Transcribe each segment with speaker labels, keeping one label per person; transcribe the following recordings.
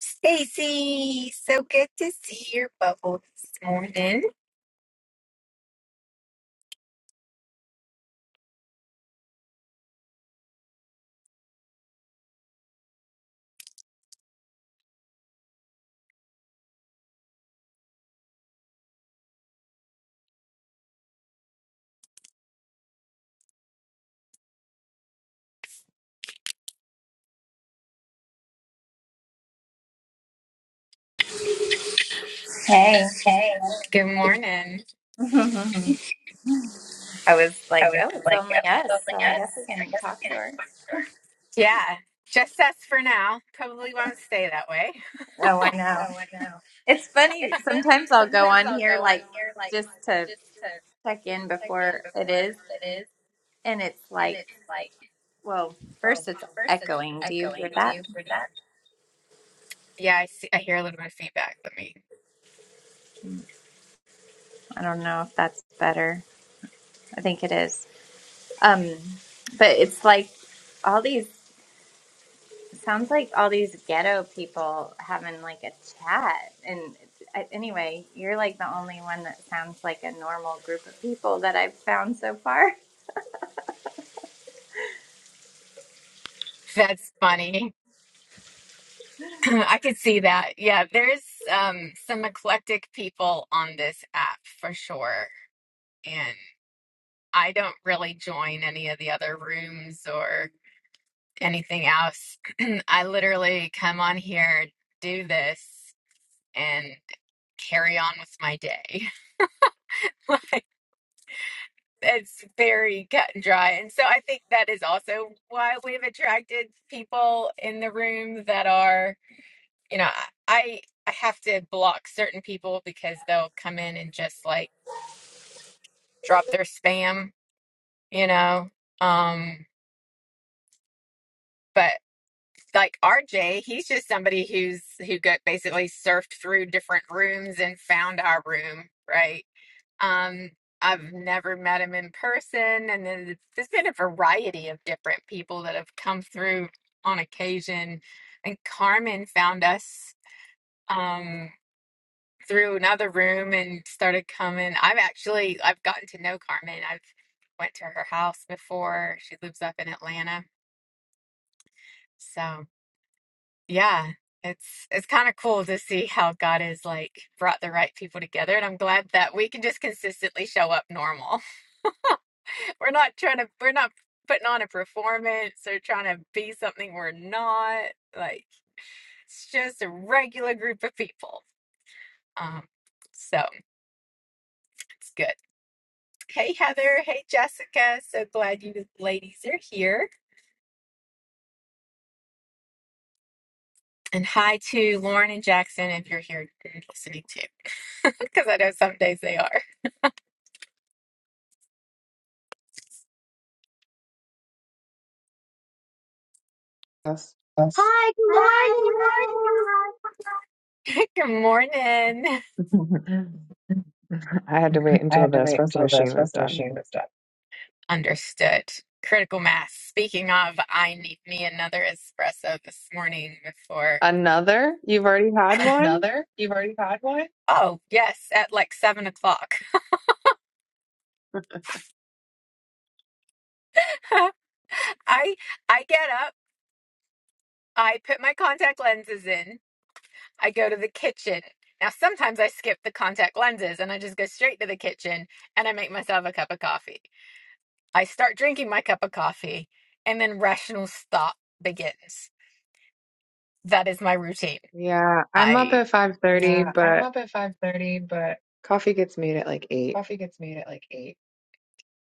Speaker 1: Stacy, so good to see your bubble this morning.
Speaker 2: Hey.
Speaker 1: Hey. Good morning.
Speaker 2: I was
Speaker 1: I
Speaker 2: like,
Speaker 1: was
Speaker 2: oh, it's
Speaker 1: like
Speaker 2: only
Speaker 1: up
Speaker 2: us,
Speaker 1: building
Speaker 2: so I guess
Speaker 1: us.
Speaker 2: I can talk
Speaker 1: Yeah.
Speaker 2: to her.
Speaker 1: Yeah, Just us for now. Probably won't stay that way.
Speaker 2: Oh, I know. It's funny. Sometimes I'll
Speaker 1: Sometimes
Speaker 2: go on
Speaker 1: I'll
Speaker 2: here,
Speaker 1: go on
Speaker 2: like, just to check in before it is,
Speaker 1: as it is.
Speaker 2: and it's
Speaker 1: And it's
Speaker 2: like,
Speaker 1: like,
Speaker 2: well, first
Speaker 1: well,
Speaker 2: it's echoing.
Speaker 1: I'm
Speaker 2: Do you hear
Speaker 1: going to
Speaker 2: that?
Speaker 1: you for that. Yeah, I see I hear a little bit of feedback. Let me
Speaker 2: I don't know if that's better. I think it is. Um, but it's like all these. Sounds like all these ghetto people having like a chat. And it's- I- anyway, you're like the only one that sounds like a normal group of people that I've found so far.
Speaker 1: that's funny. I could see that. Yeah, there's um some eclectic people on this app for sure. and. I don't really join any of the other rooms or anything else. I literally come on here, do this, and carry on with my day. Like it's very cut and dry. And so I think that is also why we've attracted people in the room that are, you know, I I have to block certain people because they'll come in and just like drop their spam, you know. Um, but like RJ, he's just somebody who's who got basically surfed through different rooms and found our room, right? Um, I've never met him in person, and then there's been a variety of different people that have come through on occasion. And Carmen found us um, through another room and started coming. I've actually I've gotten to know Carmen. I've went to her house before. She lives up in Atlanta, so. Yeah, it's it's kind of cool to see how God has like brought the right people together, and I'm glad that we can just consistently show up normal. We're not trying to, we're not putting on a performance or trying to be something we're not. Like it's just a regular group of people. Um, so it's good. Hey Heather, hey Jessica, so glad you ladies are here. And hi to Lauren and Jackson if you're here listening too, because I know some days they are.
Speaker 3: Yes. Hi,
Speaker 1: Hi, good morning. Good morning.
Speaker 3: good morning. I had to wait
Speaker 1: I
Speaker 3: until
Speaker 1: have
Speaker 3: the
Speaker 1: to wait
Speaker 3: espresso
Speaker 1: until
Speaker 3: machine was done.
Speaker 1: it's done. Understood. Critical mass. Speaking of, I need me another espresso this morning before.
Speaker 3: Another? You've already had one?
Speaker 1: Another? You've already had one? Oh, yes, at like seven o'clock. I I get up, I put my contact lenses in, I go to the kitchen. Now sometimes I skip the contact lenses and I just go straight to the kitchen and I make myself a cup of coffee. I start drinking my cup of coffee, and then rational thought begins. That is my routine.
Speaker 3: Yeah, I'm up
Speaker 1: I
Speaker 3: at
Speaker 1: Yeah,
Speaker 3: 5:30,
Speaker 1: I'm
Speaker 3: but
Speaker 1: up at 5:30, but
Speaker 3: coffee gets made at like 8.
Speaker 1: coffee gets made at like 8.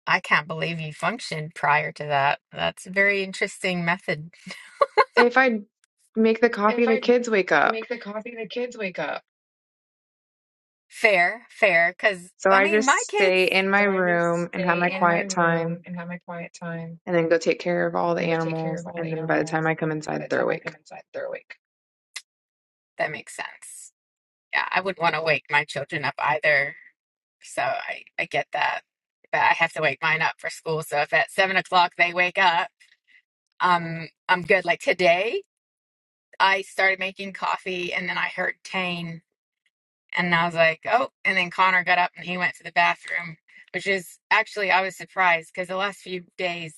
Speaker 1: I can't believe you functioned prior to that. That's a very interesting method.
Speaker 3: If I make the coffee,
Speaker 1: If
Speaker 3: the
Speaker 1: I
Speaker 3: kids wake up.
Speaker 1: make the coffee, the kids wake up. Fair, fair, because
Speaker 3: So
Speaker 1: I
Speaker 3: I
Speaker 1: mean,
Speaker 3: just
Speaker 1: my kids.
Speaker 3: stay in my
Speaker 1: So I just
Speaker 3: room and have
Speaker 1: stay
Speaker 3: my
Speaker 1: in my
Speaker 3: quiet
Speaker 1: room
Speaker 3: time
Speaker 1: and have my quiet time
Speaker 3: and then go take care of all the
Speaker 1: and go take care of
Speaker 3: animals
Speaker 1: all
Speaker 3: and
Speaker 1: the
Speaker 3: then by the time
Speaker 1: animals.
Speaker 3: I come
Speaker 1: And by
Speaker 3: inside,
Speaker 1: the
Speaker 3: they're
Speaker 1: time I
Speaker 3: awake.
Speaker 1: come inside, they're awake. That makes sense. yeah, I wouldn't want to wake my children up either. So I, I get that. But I have to wake mine up for school. So if at seven o'clock they wake up, um, I'm good. Like today, I started making coffee and then I heard Tane and I was like, oh, and then Connor got up and he went to the bathroom, which is actually, I was surprised because the last few days,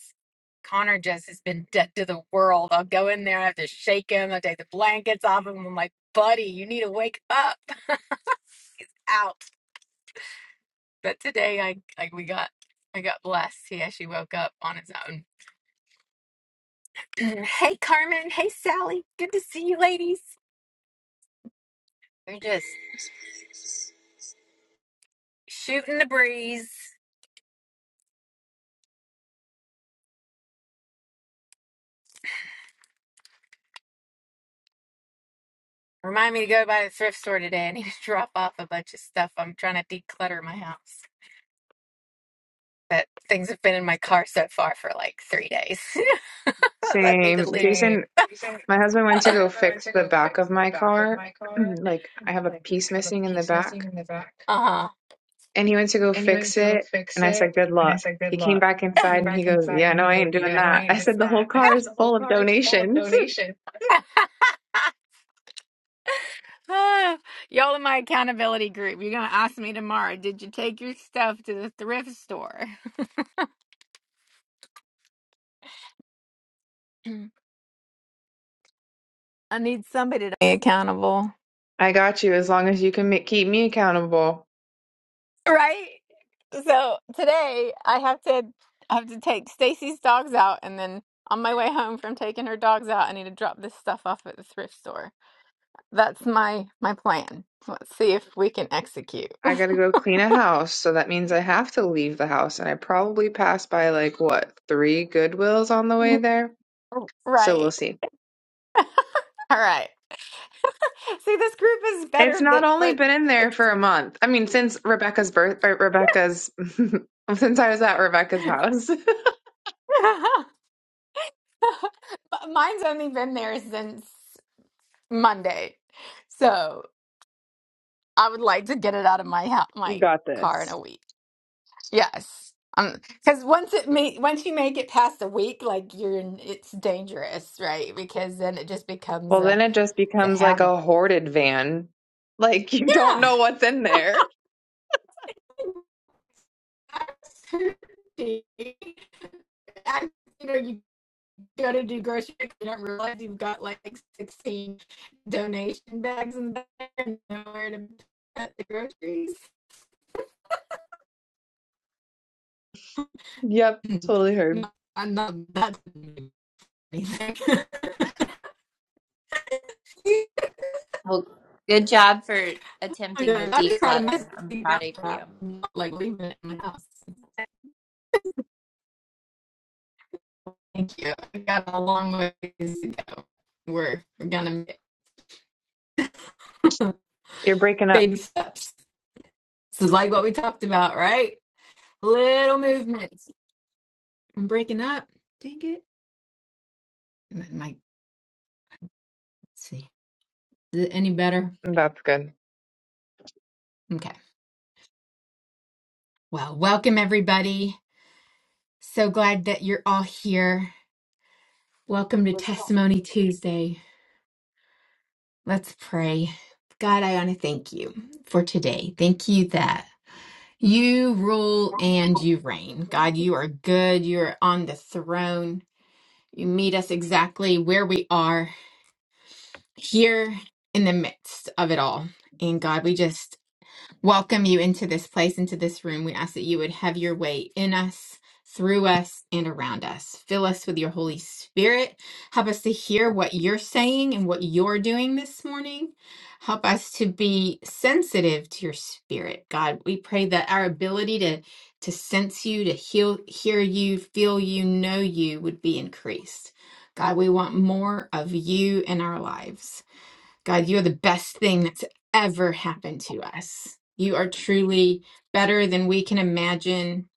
Speaker 1: Connor just has been dead to the world. I'll go in there, I have to shake him, I take the blankets off him. I'm like, buddy, you need to wake up. Ouch But today I like we got I got blessed. He actually woke up on his own. hey Carmen, hey Sally, good to see you ladies. We're just shooting the breeze. Remind me to go by the thrift store today. I need to drop off a bunch of stuff. I'm trying to declutter my house. But things have been in my car so far for like three days. I need to
Speaker 3: Same.
Speaker 1: leave. Same.
Speaker 3: Jason
Speaker 1: Same.
Speaker 3: My husband went to go
Speaker 1: As I went
Speaker 3: fix
Speaker 1: to
Speaker 3: the
Speaker 1: go
Speaker 3: back
Speaker 1: fix
Speaker 3: of
Speaker 1: the
Speaker 3: my
Speaker 1: back of
Speaker 3: car.
Speaker 1: my car,
Speaker 3: Like I have a
Speaker 1: like
Speaker 3: piece
Speaker 1: I have a
Speaker 3: missing in the
Speaker 1: piece missing
Speaker 3: back.
Speaker 1: in the back.
Speaker 3: And he went to go
Speaker 1: and he went
Speaker 3: fix
Speaker 1: to go
Speaker 3: it.
Speaker 1: fix
Speaker 3: And I said,
Speaker 1: it.
Speaker 3: good
Speaker 1: And I
Speaker 3: luck.
Speaker 1: said,
Speaker 3: He
Speaker 1: Good
Speaker 3: came
Speaker 1: luck.
Speaker 3: back inside
Speaker 1: Came
Speaker 3: and he
Speaker 1: back
Speaker 3: goes,
Speaker 1: inside
Speaker 3: yeah,
Speaker 1: and
Speaker 3: no,
Speaker 1: he
Speaker 3: I ain't
Speaker 1: goes,
Speaker 3: doing
Speaker 1: Yeah, no, I
Speaker 3: that.
Speaker 1: ain't
Speaker 3: I
Speaker 1: doing
Speaker 3: said, the whole
Speaker 1: that. I said,
Speaker 3: car is
Speaker 1: The whole
Speaker 3: full of
Speaker 1: car is full of
Speaker 3: donations.
Speaker 1: donations. Ah, Y'all in my accountability group, you're gonna ask me tomorrow, did you take your stuff to the thrift store? I need somebody to be accountable.
Speaker 3: I got you as long as you can ma- keep me accountable.
Speaker 1: Right? So today I have to I have to take Stacy's dogs out and then on my way home from taking her dogs out, I need to drop this stuff off at the thrift store. That's my my plan. Let's see if we can execute.
Speaker 3: I gotta go clean a house. So that means I have to leave the house. And I probably passed by like what, three Goodwills on the way there? So we'll
Speaker 1: Right.
Speaker 3: see.
Speaker 1: All right. See, this group is
Speaker 3: It's
Speaker 1: better
Speaker 3: not
Speaker 1: than for
Speaker 3: only been in there
Speaker 1: it's
Speaker 3: for a month. I mean, since Rebecca's birth, or Rebecca's, since I was at Rebecca's house.
Speaker 1: M- mine's only been there since Monday. So I would like to get it out of my house,
Speaker 3: You
Speaker 1: my
Speaker 3: got
Speaker 1: car in
Speaker 3: this.
Speaker 1: a week. Yes. Um, because once it ma once you make it past a week, like you're in, it's dangerous, right? Because then it just becomes
Speaker 3: Well,
Speaker 1: a
Speaker 3: then it just
Speaker 1: it's a
Speaker 3: becomes like
Speaker 1: habit.
Speaker 3: a hoarded van. Like you don't
Speaker 1: Yeah.
Speaker 3: know what's in there.
Speaker 1: I, you know, you go to do grocery, you don't realize you've got like 16 donation bags in there and nowhere to put the groceries.
Speaker 3: Yep, totally heard.
Speaker 1: No, I'm not that anything.
Speaker 2: Well, good job for
Speaker 1: I'm
Speaker 2: attempting the
Speaker 1: just proud of
Speaker 2: declutter.
Speaker 1: myself
Speaker 2: I'm
Speaker 1: cleaning
Speaker 2: proud
Speaker 1: out
Speaker 2: of you.
Speaker 1: crap, not like leaving it in my house. Thank you. I got a long ways to go. We're we're gonna make
Speaker 3: You're breaking up.
Speaker 1: baby steps. This is like what we talked about, right? Little movements. I'm breaking up. Dang it. Might My, let's see. Is it any better?
Speaker 3: That's good.
Speaker 1: Okay. Well, welcome everybody. So glad that you're all here. Welcome to Testimony Tuesday. Let's pray. God, I want to thank you for today. Thank you that you rule and you reign. God, you are good. You're on the throne. You meet us exactly where we are here in the midst of it all. And God, we just welcome you into this place, into this room. We ask that you would have your way in us, through us, and around us. Fill us with your Holy Spirit. Help us to hear what you're saying and what you're doing this morning. Help us to be sensitive to your spirit, God. We pray that our ability to to sense you, to heal, hear you, feel you, know you would be increased. God, we want more of you in our lives. God, you are the best thing that's ever happened to us. You are truly better than we can imagine.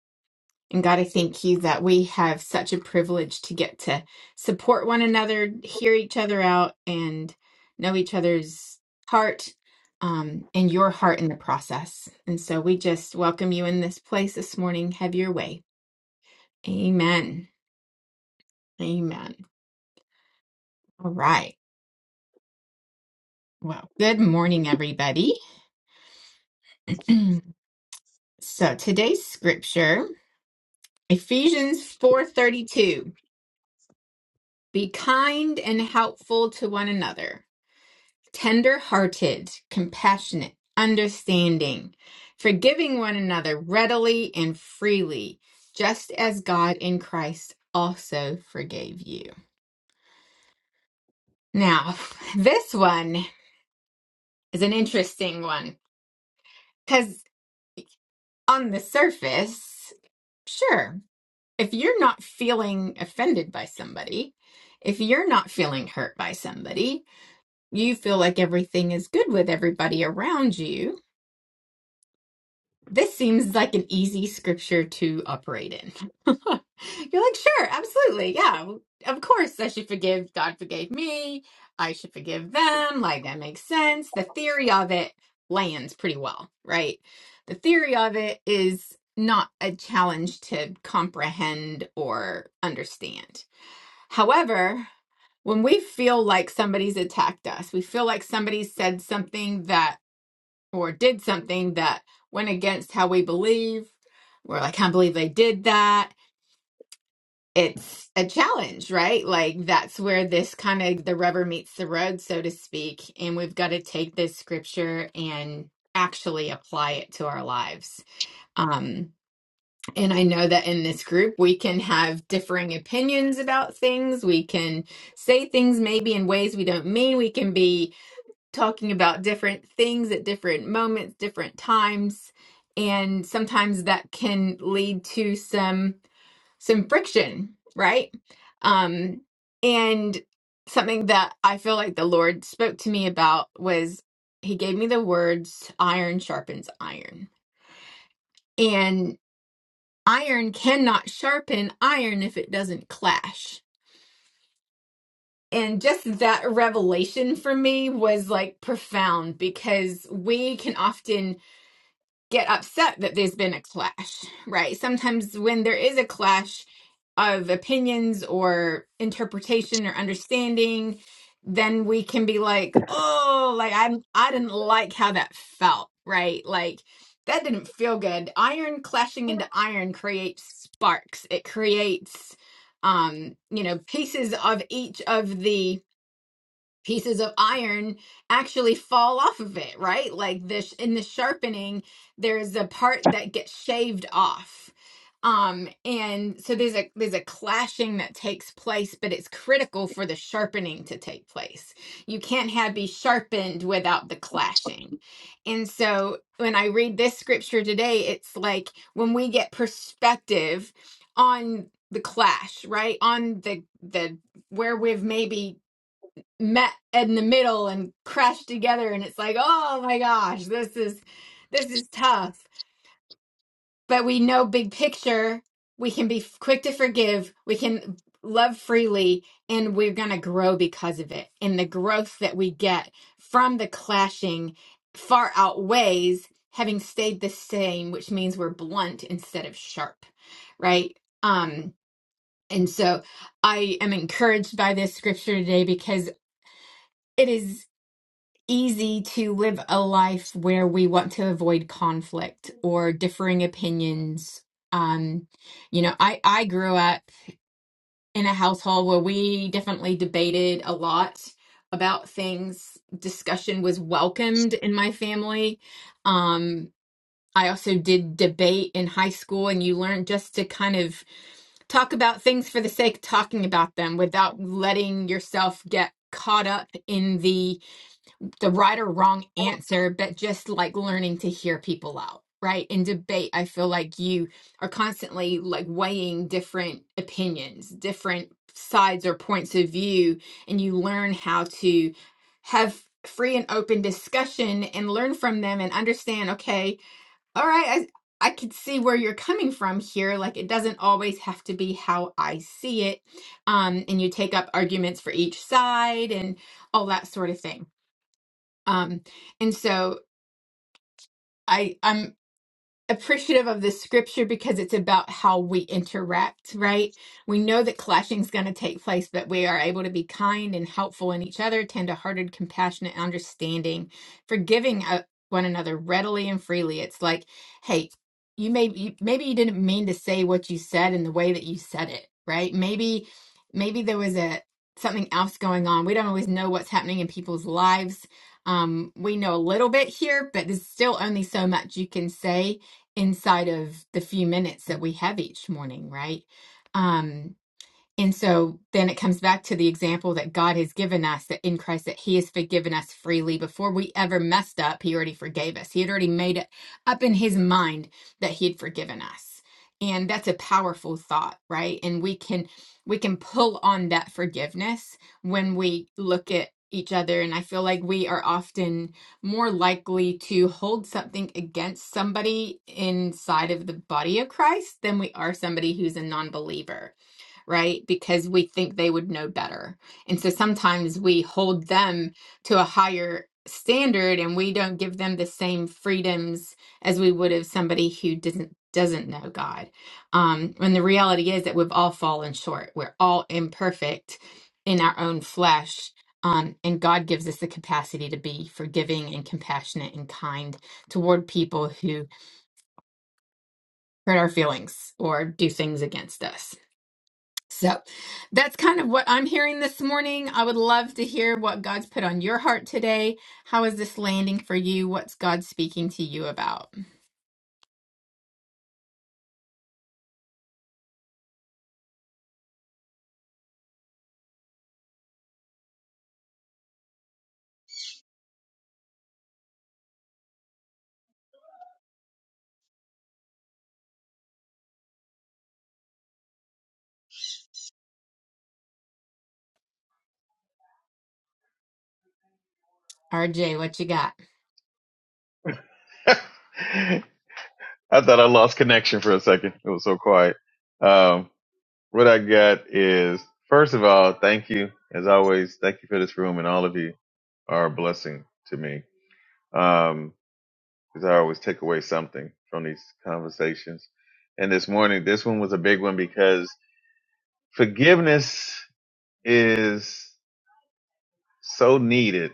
Speaker 1: And God, I thank you that we have such a privilege to get to support one another, hear each other out, and know each other's heart um, and your heart in the process. And so we just welcome you in this place this morning. Have your way. Amen. Amen. All right. Well, good morning, everybody. so today's scripture. Ephesians 4:32 Be kind and helpful to one another, tender-hearted, compassionate, understanding, forgiving one another readily and freely, just as God in Christ also forgave you. Now, this one is an interesting one cuz on the surface, sure, if you're not feeling offended by somebody, if you're not feeling hurt by somebody, You feel like everything is good with everybody around you. This seems like an easy scripture to operate in. You're like, sure, absolutely. Yeah, of course I should forgive. God forgave me. I should forgive them. Like, that makes sense. The theory of it lands pretty well, right? The theory of it is not a challenge to comprehend or understand However, when we feel like somebody's attacked us, we feel like somebody said something that or did something that went against how we believe, we're like, I can't believe they did that. It's a challenge, right? Like that's where this kind of the rubber meets the road, so to speak. And we've got to take this scripture and actually apply it to our lives. Um, and I know that in this group, we can have differing opinions about things. We can say things maybe in ways we don't mean. We can be talking about different things at different moments, different times. And sometimes that can lead to some some friction, right? Um, and something that I feel like the Lord spoke to me about was He gave me the words iron sharpens iron iron cannot sharpen iron if it doesn't clash. And just that revelation for me was like profound because we can often get upset that there's been a clash, right? Sometimes when there is a clash of opinions or interpretation or understanding, then we can be like, "Oh, like I I didn't like how that felt," right? Like that didn't feel good. Iron clashing into iron creates sparks. It creates um, you know, pieces of each of the pieces of iron actually fall off of it, right? Like this in the sharpening, there's a part that gets shaved off. Um, and so there's a there's a clashing that takes place, but it's critical for the sharpening to take place. You can't have be sharpened without the clashing. And so when I read this scripture today, it's like when we get perspective on the clash, right? On the the where we've maybe met in the middle and crashed together and it's like oh my gosh this is this is tough but we know big picture we can be quick to forgive we can love freely and we're going to grow because of it and the growth that we get from the clashing far outweighs having stayed the same which means we're blunt instead of sharp right um and so i am encouraged by this scripture today because it is. easy to live a life where we want to avoid conflict or differing opinions. Um, you know, I I grew up in a household where we definitely debated a lot about things. Discussion was welcomed in my family. Um, I also did debate in high school, and you learn just to kind of talk about things for the sake of talking about them without letting yourself get caught up in the the right or wrong answer, but just like learning to hear people out, right? In debate, I feel like you are constantly like weighing different opinions, different sides or points of view, and you learn how to have free and open discussion and learn from them and understand, okay, all right, I I can see where you're coming from here. Like it doesn't always have to be how I see it. Um, and you take up arguments for each side and all that sort of thing. Um, and so I, I'm appreciative of this scripture because it's about how we interact, right? We know that clashing is going to take place, but we are able to be kind and helpful in each other, tender-hearted, compassionate, understanding, forgiving uh, one another readily and freely. It's like, hey, you may you, maybe you didn't mean to say what you said in the way that you said it, right? Maybe maybe there was a something else going on. We don't always know what's happening in people's lives. Um, we know a little bit here, but there's still only so much you can say inside of the few minutes that we have each morning, right? Um, and so then it comes back to the example that God has given us that in Christ that He has forgiven us freely. Before we ever messed up, He already forgave us. He had already made it up in His mind that He had forgiven us. And that's a powerful thought, right? And we can we can pull on that forgiveness when we look at each other. And I feel like we are often more likely to hold something against somebody inside of the body of Christ than we are somebody who's a non-believer right? Because we think they would know better. And so sometimes we hold them to a higher standard and we don't give them the same freedoms as we would have somebody who doesn't doesn't know God. Um and the reality is that we've all fallen short. We're all imperfect in our own flesh. Um, and God gives us the capacity to be forgiving and compassionate and kind toward people who hurt our feelings or do things against us. So that's kind of what I'm hearing this morning. I would love to hear what God's put on your heart today. How is this landing for you? What's God speaking to you about? RJ, what you got?
Speaker 4: I thought I lost connection for a second. It was so quiet. Um, what I got is, first of all, thank you. As always, thank you for this room, and all of you are a blessing to me because I always take away something from these conversations. And this morning, this one was a big one because forgiveness is so needed.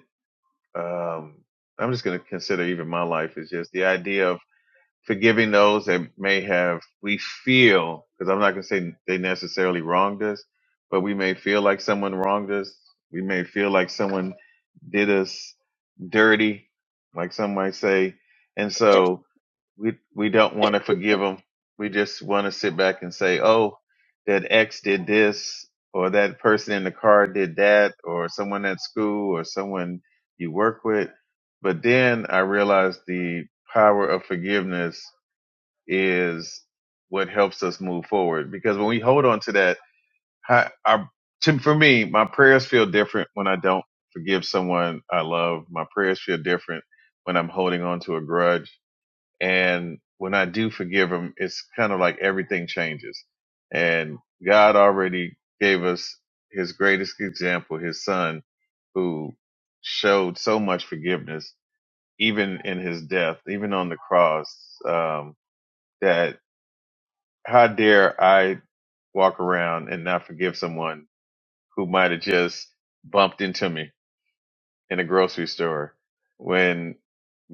Speaker 4: Um, I'm just going to consider even my life is just the idea forgiving those that may have we feel because I'm not going to say they necessarily wronged us, but we may feel like someone wronged us. We may feel like someone did us dirty, like some might say, and so we we don't want to forgive them. We just want to sit back and say, "Oh, that X did this." Or that person in the car did that, or someone at school, or someone you work with. But then I realized the power of forgiveness is what helps us move forward. Because when we hold on to that, I, I, to, for me, my prayers feel different when I don't forgive someone I love. My prayers feel different when I'm holding on to a grudge. And when I do forgive them, it's kind of like everything changes. And God already gave us his greatest example, his son, who showed so much forgiveness, even in his death, even on the cross, um, that how dare I walk around and not forgive someone who might have just bumped into me in a grocery store when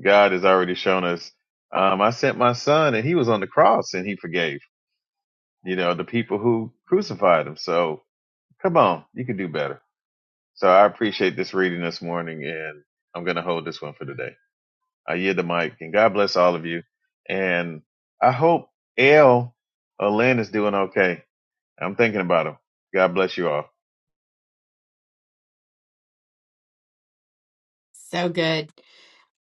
Speaker 4: God has already shown us. Um, I sent my son and he was on the cross and he forgave, you know, the people who crucified him. So come on, you can do better. So I appreciate this reading this morning and I'm going to hold this one for today. I yield the mic and God bless all of you. And I hope L or Lynn is doing okay. I'm thinking about them. God bless you all.
Speaker 1: So good.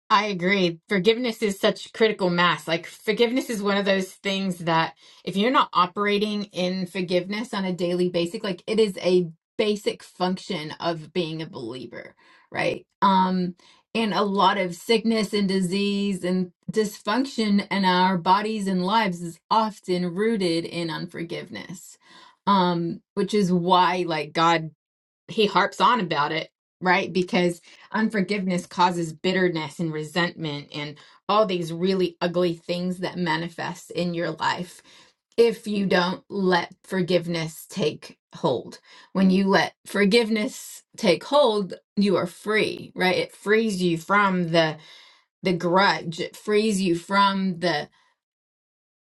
Speaker 1: I agree. Forgiveness is such critical mass. Like, forgiveness is one of those things that if you're not operating in forgiveness on a daily basis, like it is a basic function of being a believer, right? Um, and a lot of sickness and disease and dysfunction in our bodies and lives is often rooted in unforgiveness. Um, which is why like God he harps on about it, right? Because unforgiveness causes bitterness and resentment and all these really ugly things that manifest in your life if you don't let forgiveness take hold. When you let forgiveness take hold, you are free, right? It frees you from the the grudge. It frees you from the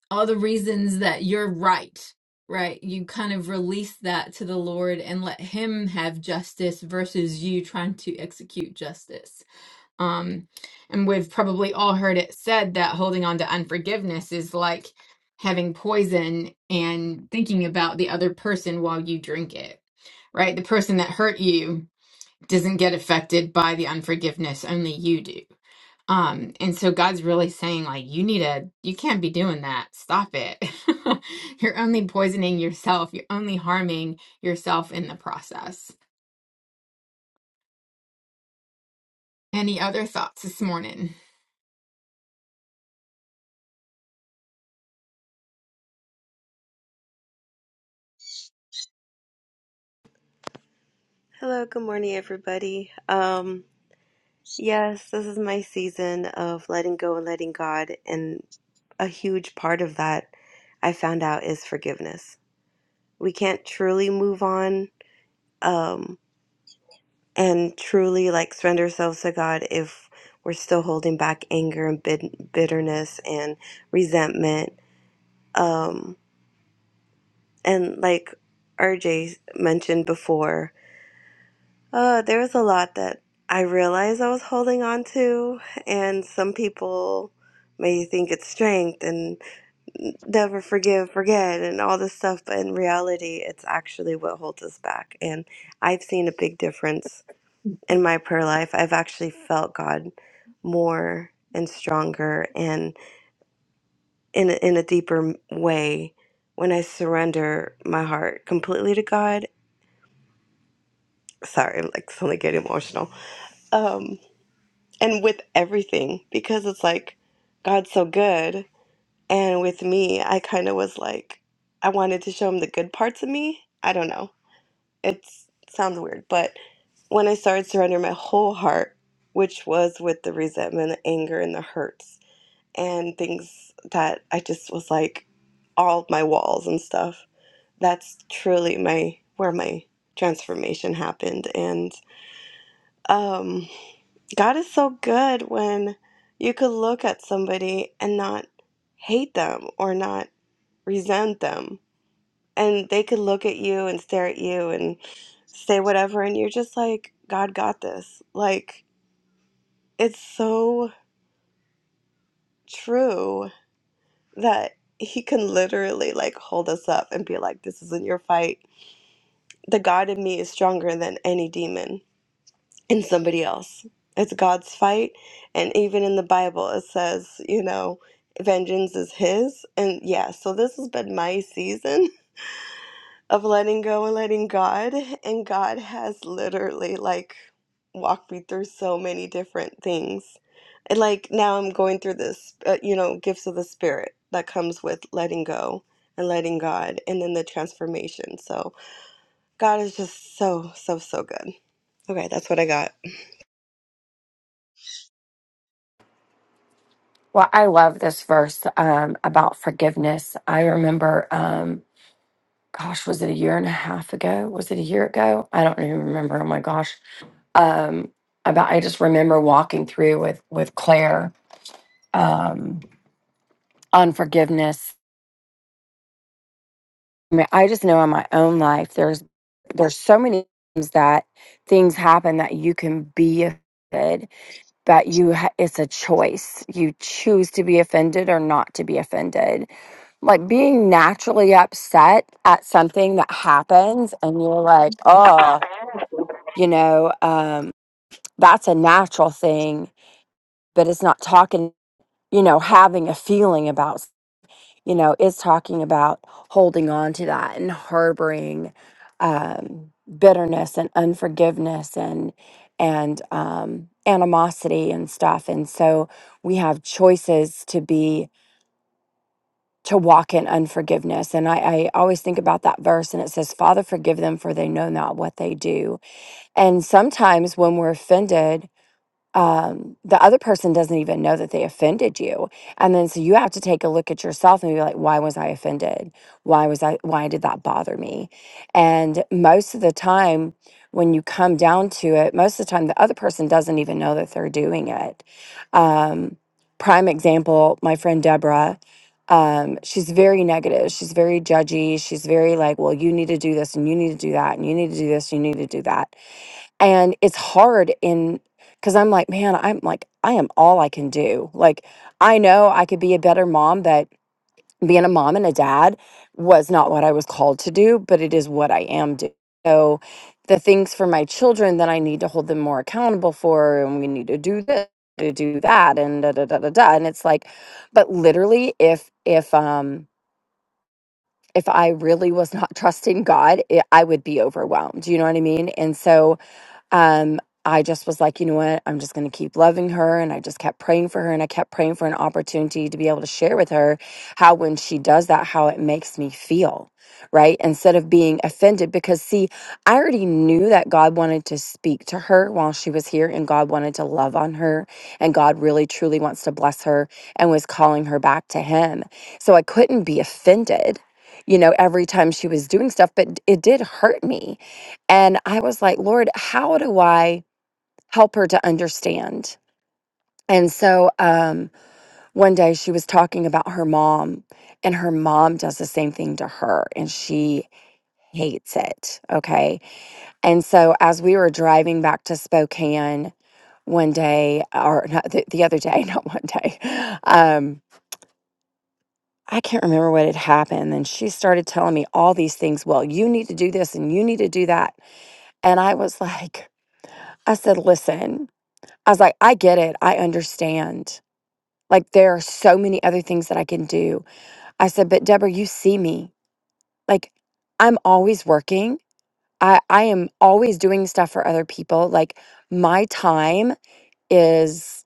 Speaker 1: all the reasons that you're right, right? You kind of release that to the Lord and let Him have justice versus you trying to execute justice. Um, and we've probably all heard it said that holding on to unforgiveness is like having poison and thinking about the other person while you drink it, right? The person that hurt you doesn't get affected by the unforgiveness, only you do um, and so God's really saying, like, you need to, you can't be doing that. Stop it. You're only poisoning yourself. You're only harming yourself in the process. Any other thoughts this morning?
Speaker 5: Hello, good morning, everybody. Um, yes, this is my season of letting go and letting God, and a huge part of that I found out is forgiveness. We can't truly move on um, and truly like surrender ourselves to God if we're still holding back anger and bit- bitterness and resentment. Um, and like RJ mentioned before, Uh, there was a lot that I realized I was holding on to, and some people may think it's strength and never forgive, forget, and all this stuff, but in reality, it's actually what holds us back. And I've seen a big difference in my prayer life. I've actually felt God more and stronger and in a, in a deeper m- way when I surrender my heart completely to God. Sorry, I'm like suddenly getting emotional. Um. and with everything because it's like God's so good. And with me, I kind of was like, I wanted to show him the good parts of me. I don't know. It's, it sounds weird, but when I started surrendering my whole heart, which was with the resentment, the anger, and the hurts, and things that I just was like, all of my walls and stuff. That's truly my where my transformation happened, and um, God is so good when you could look at somebody and not hate them or not resent them. And they could look at you and stare at you and say whatever. And you're just like, God got this. Like, it's so true that He can literally like hold us up and be like, this isn't your fight. The God in me is stronger than any demon in somebody else. It's God's fight. And even in the Bible, it says, you know, vengeance is His. And yeah, so this has been my season of letting go and letting God. And God has literally like walked me through so many different things. And like now I'm going through this, uh, you know, gifts of the Spirit that comes with letting go and letting God and then the transformation. So God is just so, so, so good. Okay, that's what I got.
Speaker 6: Well, I love this verse um, about forgiveness. I remember, um, gosh, was it a year and a half ago? Was it a year ago? I don't even remember. Oh my gosh. Um, about I just remember walking through with with Claire um, on forgiveness. I mean, I just know in my own life, there's there's so many times that things happen that you can be offended, but you ha- it's a choice. You choose to be offended or not to be offended like being naturally upset at something that happens and you're like oh you know um that's a natural thing but it's not talking you know having a feeling about s- you know it's talking about holding on to that and harboring um bitterness and unforgiveness and and um animosity and stuff and so we have choices to be to walk in unforgiveness. And I, I always think about that verse and it says, Father, forgive them for they know not what they do. And sometimes when we're offended, um, the other person doesn't even know that they offended you. And then so you have to take a look at yourself and be like, why was I offended? Why was I, why did that bother me? And most of the time, when you come down to it, most of the time, the other person doesn't even know that they're doing it. Um, prime example, my friend Deborah. Um, she's very negative. She's very judgy. She's very like, well, you need to do this and you need to do that and you need to do this, you need to do that and it's hard in because i'm like man i'm like i am all i can do like i know i could be a better mom but being a mom and a dad was not what i was called to do but it is what i am doing so the things for my children that i need to hold them more accountable for and we need to do this to do that and da da da da da and it's like but literally if if um if i really was not trusting god it, i would be overwhelmed you know what i mean and so um, I just was like, you know what? I'm just going to keep loving her. And I just kept praying for her and I kept praying for an opportunity to be able to share with her how, when she does that, how it makes me feel, right? Instead of being offended. Because, see, I already knew that God wanted to speak to her while she was here and God wanted to love on her. And God really, truly wants to bless her and was calling her back to Him. So I couldn't be offended. You know, every time she was doing stuff, but it did hurt me and I was like, Lord, how do I help her to understand? And so um, one day she was talking about her mom, and her mom does the same thing to her, and she hates it. Okay. And so as we were driving back to Spokane one day, or not the, the other day, not one day, um, I can't remember what had happened. And she started telling me all these things. Well, you need to do this and you need to do that. And I was like, I said, listen, I was like, I get it. I understand. Like, there are so many other things that I can do. I said, but Deborah, you see me. Like, I'm always working. I, I am always doing stuff for other people. Like, my time is,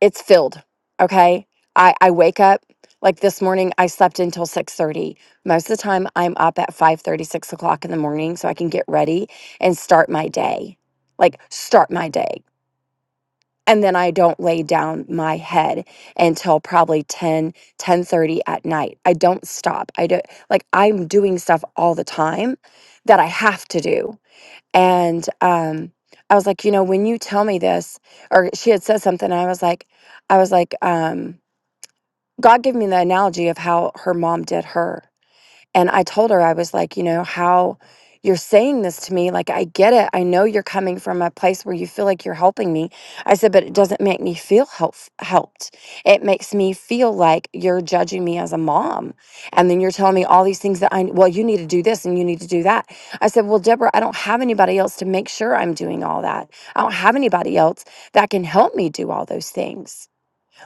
Speaker 6: it's filled. Okay. I, I wake up like this morning i slept until 6.30 most of the time i'm up at five thirty, six o'clock in the morning so i can get ready and start my day like start my day and then i don't lay down my head until probably ten ten thirty at night i don't stop i don't like i'm doing stuff all the time that i have to do and um i was like you know when you tell me this or she had said something and i was like i was like um god gave me the analogy of how her mom did her and I told her, I was like, you know, how you're saying this to me, like, I get it. I know you're coming from a place where you feel like you're helping me. I said, but it doesn't make me feel help- helped. It makes me feel like you're judging me as a mom. And then you're telling me all these things that I, well, you need to do this and you need to do that. I said, well, Deborah, I don't have anybody else to make sure I'm doing all that. I don't have anybody else that can help me do all those things.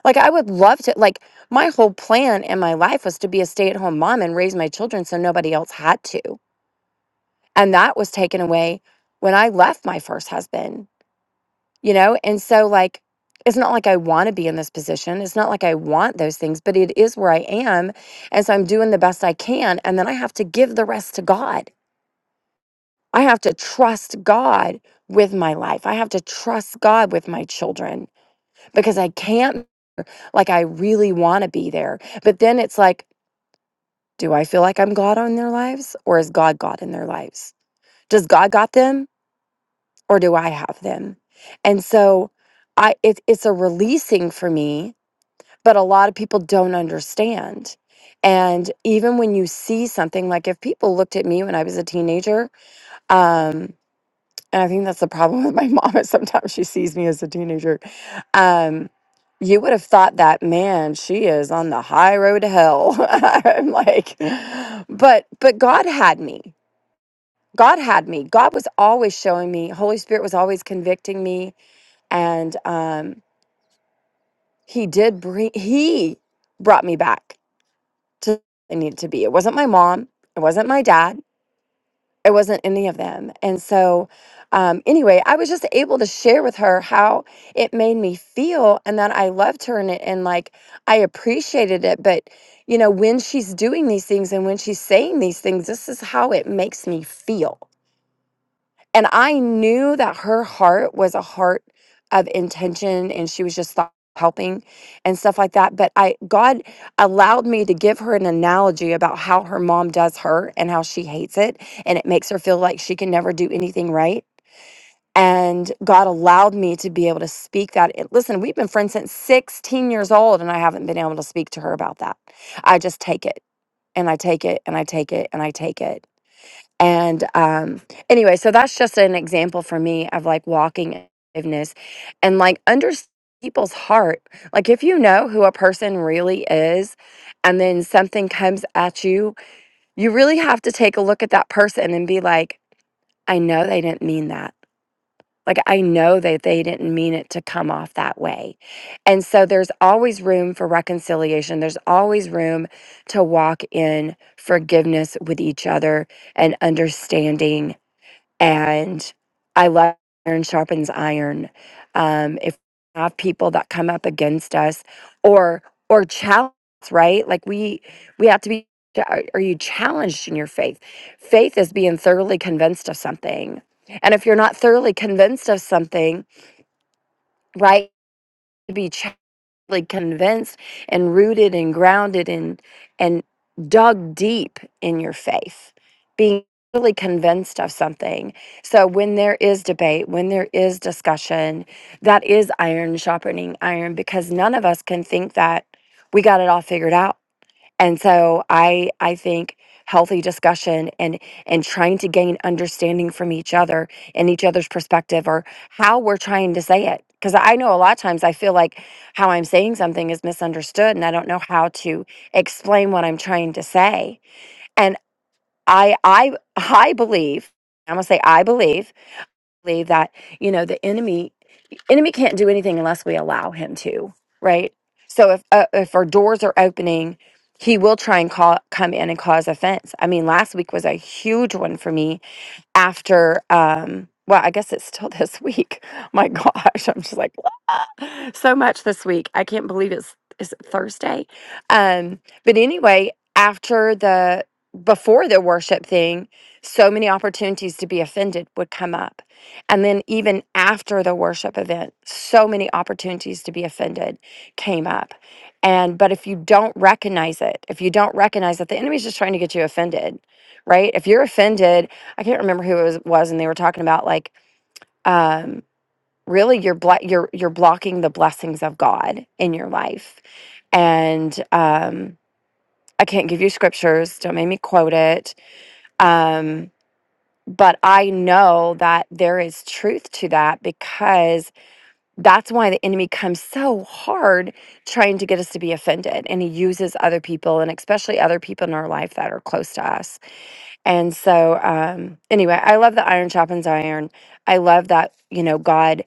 Speaker 6: Like I would love to like my whole plan in my life was to be a stay-at-home mom and raise my children so nobody else had to. And that was taken away when I left my first husband, you know? And so like it's not like I want to be in this position. It's not like I want those things, but it is where I am. And so I'm doing the best I can. And then I have to give the rest to God. I have to trust God with my life. I have to trust God with my children because I can't, like, I really want to be there. But then it's like, Do I feel like I'm God in their lives or is God God in their lives? Does God got them or do I have them? And so I it, it's a releasing for me, but a lot of people don't understand. And even when you see something like if people looked at me when I was a teenager, um, and I think that's the problem with my mom is sometimes she sees me as a teenager. Um, you would have thought that, man, she is on the high road to hell. I'm like, but but God had me. God had me. God was always showing me. Holy Spirit was always convicting me. And um, he did bring he brought me back to where I needed to be. It wasn't my mom. It wasn't my dad it wasn't any of them. And so, um, anyway, I was just able to share with her how it made me feel and that I loved her and, it, and like I appreciated it. But, you know, when she's doing these things and when she's saying these things, this is how it makes me feel. And I knew that her heart was a heart of intention and she was just thought helping and stuff like that. But I God allowed me to give her an analogy about how her mom does her and how she hates it and it makes her feel like she can never do anything right. And God allowed me to be able to speak that. It- Listen, we've been friends since 16 years old, and I haven't been able to speak to her about that. I just take it and I take it and I take it and I take it. And um, anyway, so that's just an example for me of like walking in forgiveness and like under people's heart. Like if you know who a person really is, and then something comes at you, you really have to take a look at that person and be like, I know they didn't mean that. Like I know that they didn't mean it to come off that way. And so there's always room for reconciliation. There's always room to walk in forgiveness with each other and understanding and I love iron sharpens iron. Um, if we have people that come up against us or or challenge, right? Like we we have to be. Are are you challenged in your faith? Faith is being thoroughly convinced of something, and if you're not thoroughly convinced of something, right? To be challenged like convinced and rooted and grounded and and dug deep in your faith being really convinced of something so when there is debate when there is discussion that is iron sharpening iron because none of us can think that we got it all figured out and so I I think healthy discussion and and trying to gain understanding from each other and each other's perspective or how we're trying to say it because I know a lot of times I feel like how I'm saying something is misunderstood and I don't know how to explain what I'm trying to say. And I I I believe I'm gonna say I believe believe that you know the enemy enemy can't do anything unless we allow him to, right? So if uh, if our doors are opening, he will try and call, come in and cause offense. I mean, last week was a huge one for me after um well i guess it's still this week my gosh i'm just like so much this week i can't believe it's is it thursday um but anyway after the before the worship thing so many opportunities to be offended would come up and then even after the worship event so many opportunities to be offended came up and but if you don't recognize it if you don't recognize that the enemy's just trying to get you offended right if you're offended I can't remember who it was, was and they were talking about like um really you're bla- you're you're blocking the blessings of God in your life. And um I can't give you scriptures, don't make me quote it. Um but I know that there is truth to that because that's why the enemy comes so hard trying to get us to be offended. And he uses other people and especially other people in our life that are close to us And so, um, anyway, I love the iron sharpens iron. I love that, you know, God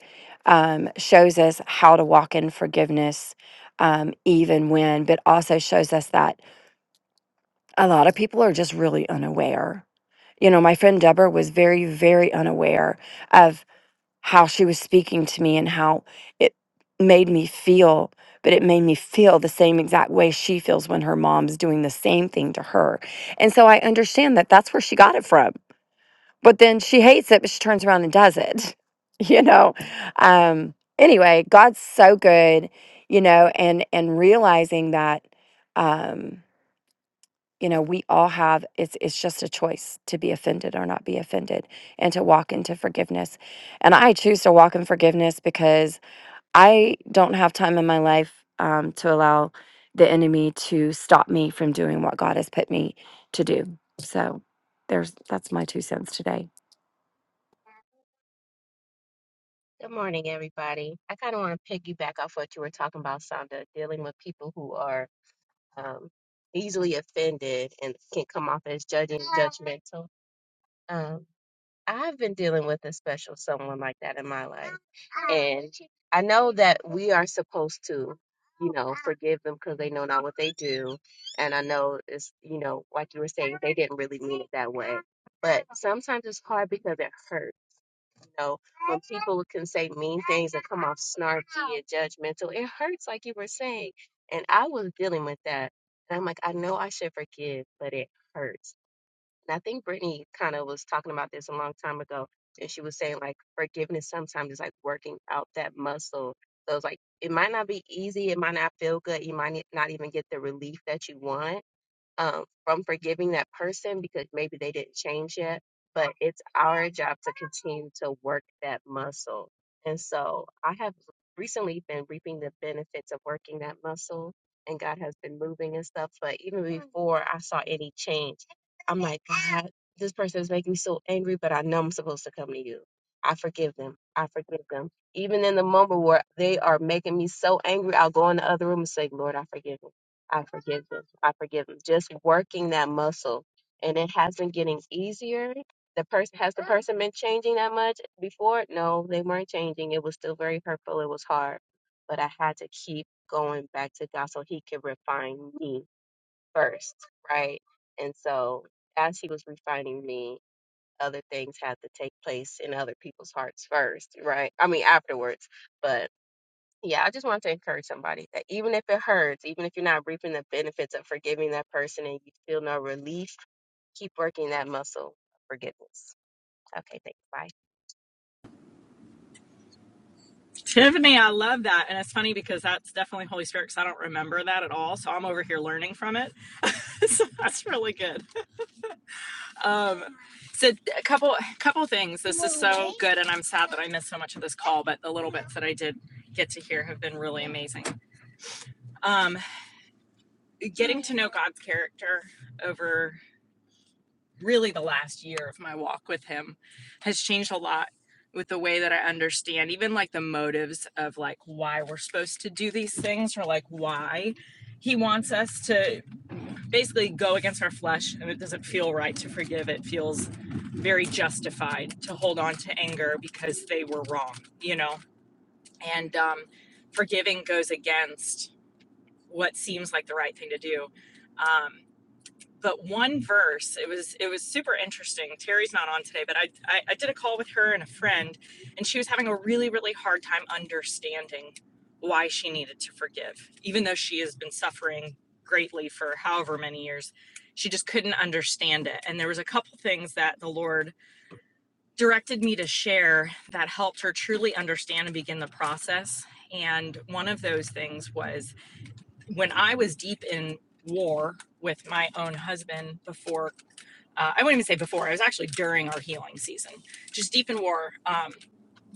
Speaker 6: um, shows us how to walk in forgiveness um, even when, but also shows us that a lot of people are just really unaware. You know, my friend Deborah was very, very unaware of how she was speaking to me and how it made me feel, but it made me feel the same exact way she feels when her mom's doing the same thing to her. And so I understand that that's where she got it from but then she hates it, but she turns around and does it. You know. Um, anyway, God's so good, you know, and and realizing that, um, you know, we all have it's it's just a choice to be offended or not be offended, and to walk into forgiveness. And I choose to walk in forgiveness because I don't have time in my life um, to allow the enemy to stop me from doing what God has put me to do. So there's that's my two cents today.
Speaker 7: Good morning, everybody. I kind of want to piggyback off what you were talking about, Sonda, dealing with people who are um, easily offended and can come off as judging, judgmental. Um, I've been dealing with a special someone like that in my life, and I know that we are supposed to, you know, forgive them because they know not what they do, and I know it's, you know, like you were saying, they didn't really mean it that way. But sometimes it's hard because it hurts know, when people can say mean things and come off snarky and judgmental, it hurts, like you were saying. And I was dealing with that. And I'm like, I know I should forgive, but it hurts. And I think Brittany kind of was talking about this a long time ago. And she was saying, like, forgiveness sometimes is like working out that muscle. So it's like, it might not be easy. It might not feel good. You might not even get the relief that you want um, from forgiving that person because maybe they didn't change yet. But it's our job to continue to work that muscle. And so I have recently been reaping the benefits of working that muscle, and God has been moving and stuff. But even before I saw any change, I'm like, God, this person is making me so angry, but I know I'm supposed to come to you. I forgive them. I forgive them. Even in the moment where they are making me so angry, I'll go in the other room and say, Lord, I forgive them. I forgive them. I forgive them. Just working that muscle. And it has been getting easier. The person has the person been changing that much before? No, they weren't changing. It was still very hurtful. It was hard. But I had to keep going back to God so he could refine me first. Right. And so as he was refining me, other things had to take place in other people's hearts first, right? I mean afterwards. But yeah, I just want to encourage somebody that even if it hurts, even if you're not reaping the benefits of forgiving that person and you feel no relief, keep working that muscle of forgiveness. Okay, thanks. Bye.
Speaker 8: Tiffany, I love that. And it's funny because that's definitely Holy Spirit because I don't remember that at all. So I'm over here learning from it. so that's really good. Um, so a couple a couple things. This is so good, and I'm sad that I missed so much of this call, but the little bits that I did get to hear have been really amazing. Um, getting to know God's character over really the last year of my walk with him has changed a lot with the way that I understand even like the motives of like why we're supposed to do these things or like why he wants us to basically go against our flesh and it doesn't feel right to forgive it feels very justified to hold on to anger because they were wrong you know and um forgiving goes against what seems like the right thing to do um but one verse it was it was super interesting terry's not on today but I, I i did a call with her and a friend and she was having a really really hard time understanding why she needed to forgive even though she has been suffering greatly for however many years she just couldn't understand it and there was a couple things that the lord directed me to share that helped her truly understand and begin the process and one of those things was when I was deep in war with my own husband before, uh, I wouldn't even say before, I was actually during our healing season, just deep in war, um,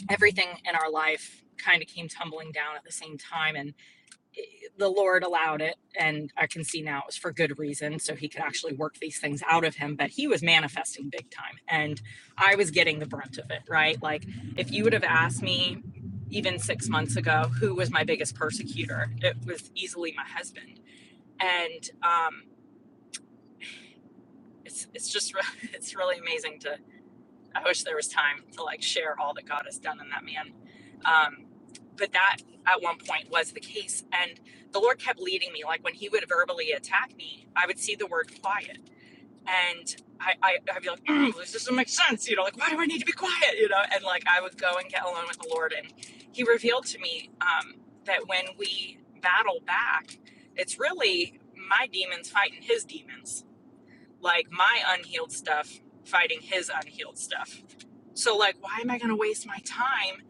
Speaker 8: everything in our life kind of came tumbling down at the same time. And the Lord allowed it. And I can see now it was for good reason. So he could actually work these things out of him. But he was manifesting big time. And I was getting the brunt of it, right? Like if you would have asked me, even six months ago, who was my biggest persecutor? It was easily my husband and um, it's it's just re- it's really amazing to. I wish there was time to like share all that God has done in that man, um, but that at one point was the case, and the Lord kept leading me. Like when He would verbally attack me, I would see the word quiet, and I, I I'd be like, "Mm, well, this doesn't make sense, you know. Like why do I need to be quiet, you know? And like I would go and get alone with the Lord, and He revealed to me um, that when we battle back, it's really my demons fighting His demons like my unhealed stuff fighting his unhealed stuff. So like why am I gonna waste my time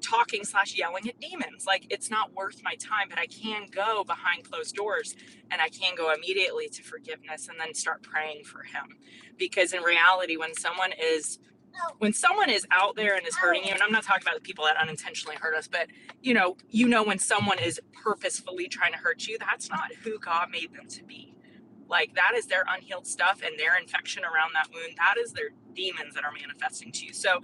Speaker 8: talking slash yelling at demons? Like it's not worth my time, but I can go behind closed doors and I can go immediately to forgiveness and then start praying for him. Because in reality, when someone is when someone is out there and is hurting you, and I'm not talking about the people that unintentionally hurt us, but you know, you know when someone is purposefully trying to hurt you, that's not who God made them to be. Like that is their unhealed stuff and their infection around that wound. That is their demons that are manifesting to you. So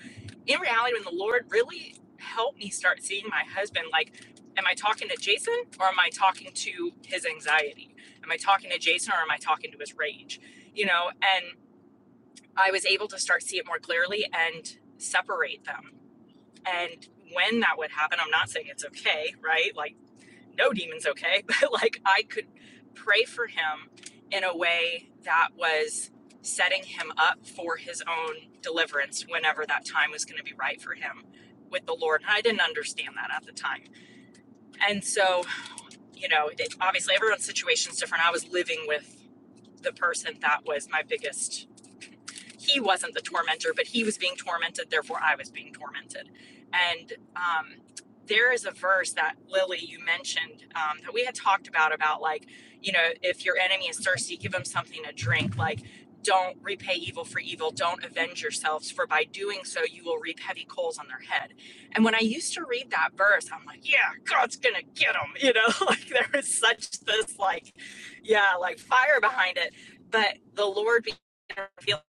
Speaker 8: in reality, when the Lord really helped me start seeing my husband, like, am I talking to Jason or am I talking to his anxiety? Am I talking to Jason or am I talking to his rage? You know, and. I was able to start see it more clearly and separate them. And when that would happen, I'm not saying it's okay, right? Like no demon's okay, but like I could pray for him in a way that was setting him up for his own deliverance whenever that time was going to be right for him with the Lord. And I didn't understand that at the time. And so, you know, it, obviously everyone's situation is different. I was living with the person that was my biggest he wasn't the tormentor, but he was being tormented, therefore I was being tormented. And um, there is a verse that Lily, you mentioned, um, that we had talked about, about like, you know, if your enemy is thirsty, give him something to drink. Like, don't repay evil for evil. Don't avenge yourselves, for by doing so, you will reap heavy coals on their head. And when I used to read that verse, I'm like, yeah, God's going to get them. You know, like there is such this, like, yeah, like fire behind it. But the Lord began to reveal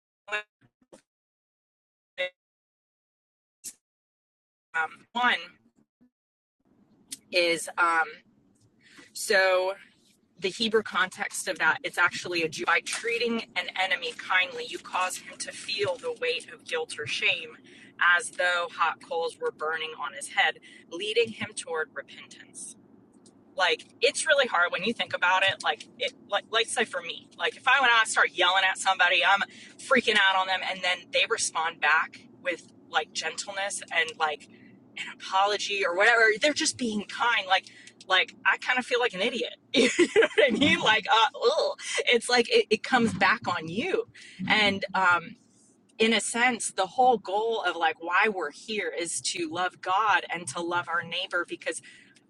Speaker 8: um, one is um, so the Hebrew context of that, it's actually a Jew. By treating an enemy kindly, you cause him to feel the weight of guilt or shame as though hot coals were burning on his head, leading him toward repentance. like it's really hard when you think about it like it like let's say for me like if i went out and start yelling at somebody i'm freaking out on them and then they respond back with like gentleness and like an apology or whatever they're just being kind like like i kind of feel like an idiot you know what i mean like uh ugh. it's like it, it comes back on you and um in a sense the whole goal of like why we're here is to love god and to love our neighbor because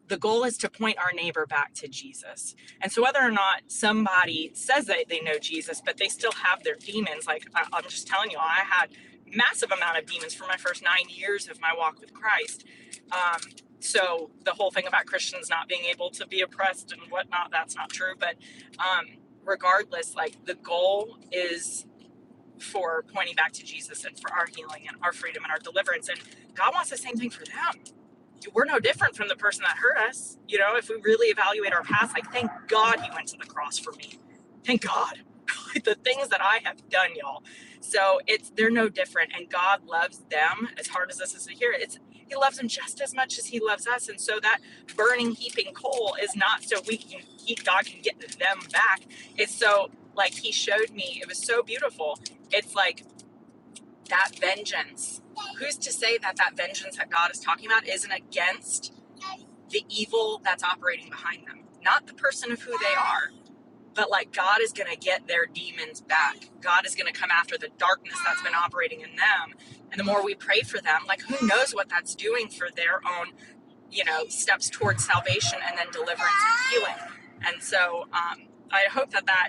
Speaker 8: the goal is to point our neighbor back to Jesus. And so, whether or not somebody says that they know Jesus, but they still have their demons, like I, I'm just telling you, I had massive amount of demons for my first nine years of my walk with Christ. Um, so the whole thing about Christians not being able to be oppressed and whatnot, that's not true. But um, regardless, like the goal is for pointing back to Jesus and for our healing and our freedom and our deliverance. And God wants the same thing for them we're no different from the person that hurt us. You know, if we really evaluate our past, like, thank God he went to the cross for me. Thank God. the things that I have done, y'all. So it's they're no different, and God loves them as hard as this is to hear. It's He loves them just as much as He loves us, and so that burning, heaping coal is not so we can he, God can get them back. It's so like He showed me. It was so beautiful. It's like that vengeance. Who's to say that that vengeance that God is talking about isn't against the evil that's operating behind them, not the person of who they are? but like God is going to get their demons back. God is going to come after the darkness that's been operating in them. And the more we pray for them, like who knows what that's doing for their own, you know, steps towards salvation and then deliverance and healing. And so um, I hope that that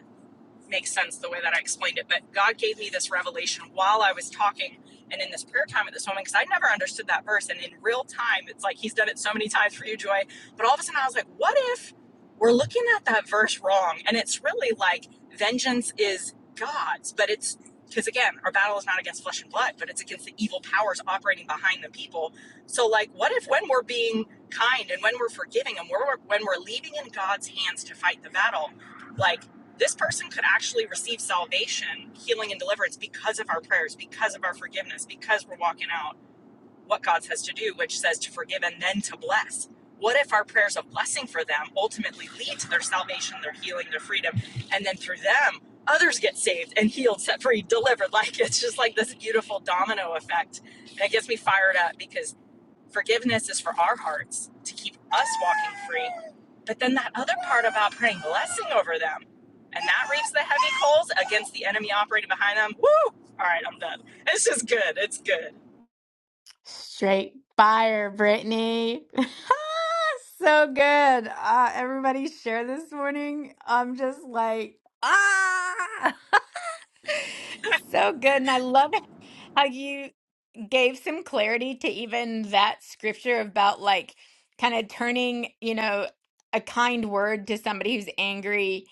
Speaker 8: makes sense the way that I explained it. But God gave me this revelation while I was talking and in this prayer time at this moment because I never understood that verse. And in real time, it's like He's done it so many times for you, Joy. But all of a sudden, I was like, what if we're looking at that verse wrong? And it's really like vengeance is God's, but it's because again, our battle is not against flesh and blood, but it's against the evil powers operating behind the people. So, like, what if when we're being kind and when we're forgiving and we're, when we're leaving in God's hands to fight the battle, like this person could actually receive salvation, healing, and deliverance because of our prayers, because of our forgiveness, because we're walking out what God says to do, which says to forgive and then to bless. What if our prayers of blessing for them ultimately lead to their salvation, their healing, their freedom, and then through them, others get saved and healed, set free, delivered? Like it's just like this beautiful domino effect. And it gets me fired up because Forgiveness is for our hearts to keep us walking free. But then that other part about praying blessing over them and that reaps the heavy coals against the enemy operating behind them. Woo! All right, I'm done. It's just good. It's good.
Speaker 1: Straight fire, Brittany. so good. Uh, everybody share this morning. I'm just like, ah, so good. And I love how you gave some clarity to even that scripture about like kind of turning, you know, a kind word to somebody who's angry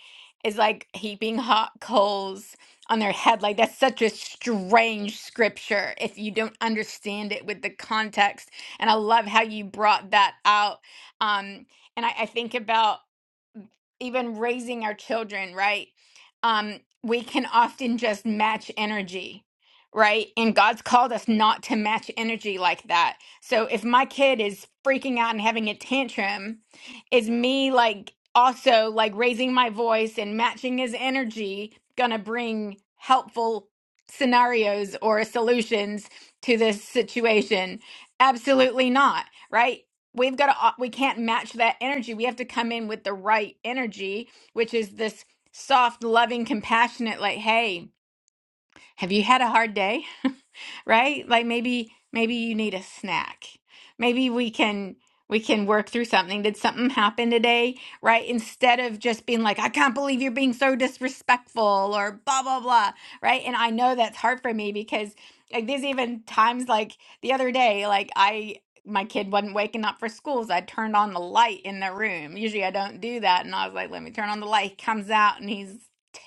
Speaker 1: is like heaping hot coals on their head. Like that's such a strange scripture if you don't understand it with the context. And I love how you brought that out. Um, and I, I think about even raising our children, right? Um, we can often just match energy, right? And God's called us not to match energy like that. So if my kid is freaking out and having a tantrum, is me like also like raising my voice and matching his energy gonna bring helpful scenarios or solutions to this situation? Absolutely not, right? we've got to we can't match that energy we have to come in with the right energy which is this soft loving compassionate like hey have you had a hard day right? Like maybe maybe you need a snack. Maybe we can we can work through something. Did something happen today? Right? Instead of just being like, I can't believe you're being so disrespectful or blah blah blah. Right. And I know that's hard for me because like there's even times like the other day, like I my kid wasn't waking up for school, so I turned on the light in the room. Usually I don't do that. And I was like, let me turn on the light. He comes out and he's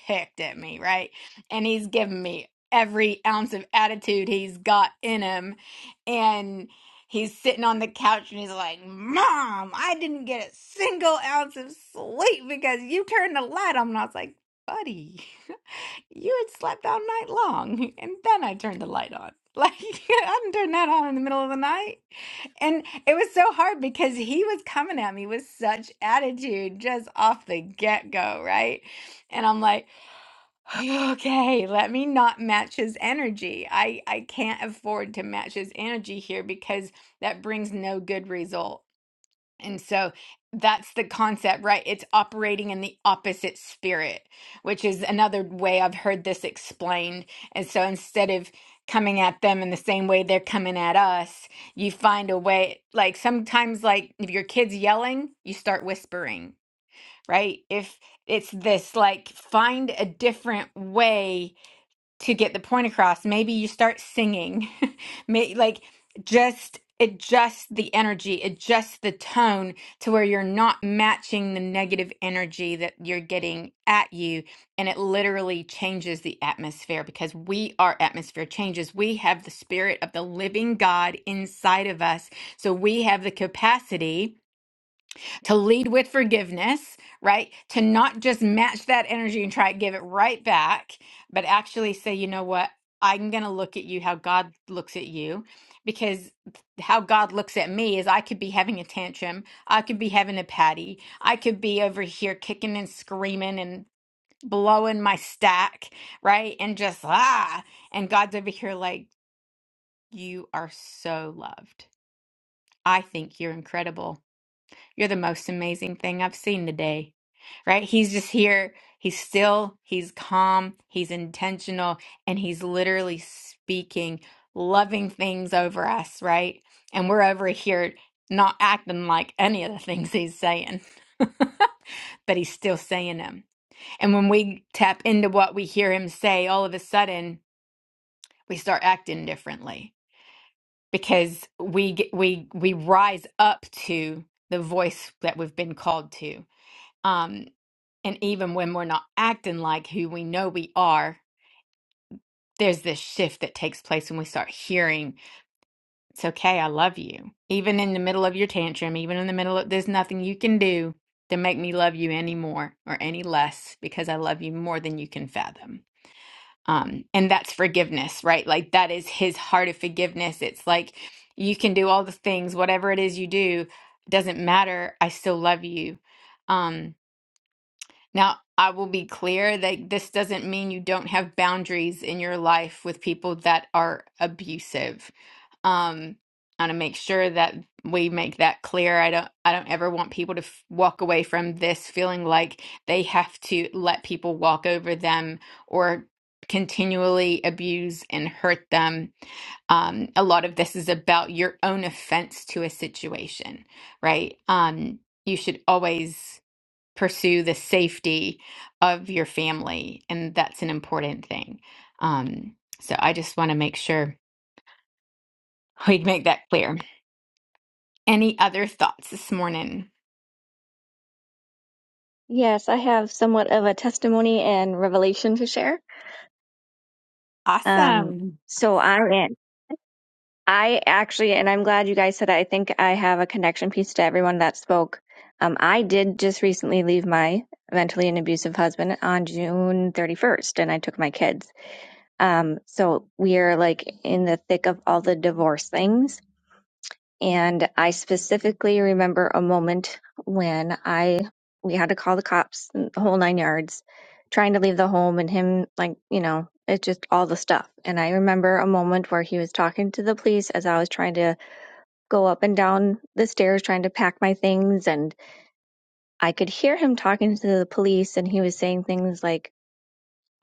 Speaker 1: ticked at me, right? And he's giving me every ounce of attitude he's got in him. And he's sitting on the couch and he's like, Mom, I didn't get a single ounce of sleep because you turned the light on. And I was like, Buddy, you had slept all night long. And then I turned the light on. Like, I didn't turn that on in the middle of the night. And it was so hard because he was coming at me with such attitude just off the get go, right? And I'm like, Okay, let me not match his energy. I I can't afford to match his energy here because that brings no good result. And so that's the concept, right? It's operating in the opposite spirit, which is another way I've heard this explained. And so instead of coming at them in the same way they're coming at us, you find a way like sometimes like if your kid's yelling, you start whispering, right? If it's this like find a different way to get the point across. Maybe you start singing, May, like just adjust the energy, adjust the tone to where you're not matching the negative energy that you're getting at you. And it literally changes the atmosphere because we are atmosphere changes. We have the spirit of the living God inside of us. So we have the capacity to lead with forgiveness, right? To not just match that energy and try to give it right back, but actually say, you know what? I'm going to look at you how God looks at you because how God looks at me is I could be having a tantrum. I could be having a patty. I could be over here kicking and screaming and blowing my stack, right? And just ah. And God's over here like, you are so loved. I think you're incredible. You're the most amazing thing I've seen today. Right? He's just here. He's still, he's calm, he's intentional, and he's literally speaking loving things over us, right? And we're over here not acting like any of the things he's saying, but he's still saying them. And when we tap into what we hear him say, all of a sudden we start acting differently because we get, we we rise up to the voice that we've been called to um, and even when we're not acting like who we know we are, there's this shift that takes place when we start hearing, it's okay, I love you. Even in the middle of your tantrum, even in the middle of, there's nothing you can do to make me love you any more or any less because I love you more than you can fathom. Um, and that's forgiveness, right? Like that is his heart of forgiveness. It's like you can do all the things, whatever it is you do, doesn't matter. I still love you. Um, Now, I will be clear that this doesn't mean you don't have boundaries in your life with people that are abusive. Um, I want to make sure that we make that clear. I don't, I don't ever want people to f walk away from this feeling like they have to let people walk over them or continually abuse and hurt them um, a lot of this is about your own offense to a situation, right? Um, you should always pursue the safety of your family, and that's an important thing. Um, so I just want to make sure we make that clear. Any other thoughts this morning?
Speaker 9: Yes, I have somewhat of a testimony and revelation to share. Um,
Speaker 1: Awesome.
Speaker 9: so I am, I actually, and I'm glad you guys said that. I think I have a connection piece to everyone that spoke. Um, I did just recently leave my mentally and abusive husband on June 31st, and I took my kids. Um, so we are like in the thick of all the divorce things And I specifically remember a moment when I we had to call the cops and the whole nine yards, trying to leave the home and him like, you know, it's just all the stuff. And I remember a moment where he was talking to the police as I was trying to go up and down the stairs trying to pack my things and I could hear him talking to the police and he was saying things like,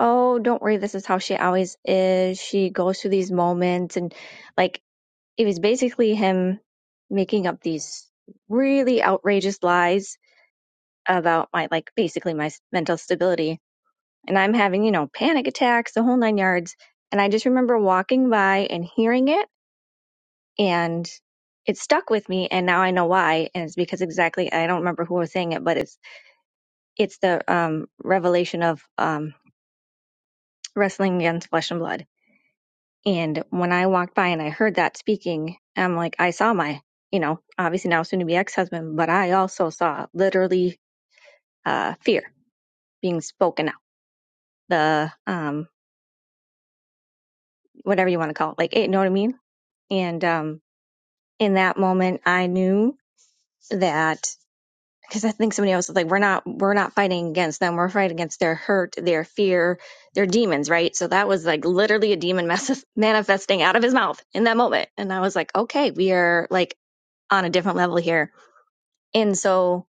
Speaker 9: Oh, don't worry, this is how she always is. She goes through these moments and like it was basically him making up these really outrageous lies about my like basically my s- mental stability and i'm having you know panic attacks the whole nine yards and i just remember walking by and hearing it and it stuck with me and now i know why and it's because exactly i don't remember who was saying it but it's it's the um revelation of um wrestling against flesh and blood And when I walked by and I heard that speaking, I'm like, I saw my, you know, obviously now soon to be ex husband, but I also saw literally uh, fear being spoken out, the um, whatever you want to call it, like, eh, you know what I mean? And um, in that moment, I knew that because I think somebody else was like, we're not, we're not fighting against them. We're fighting against their hurt, their fear, their demons, right? So that was like literally a demon mas- manifesting out of his mouth in that moment. And I was like, okay, we are like on a different level here And so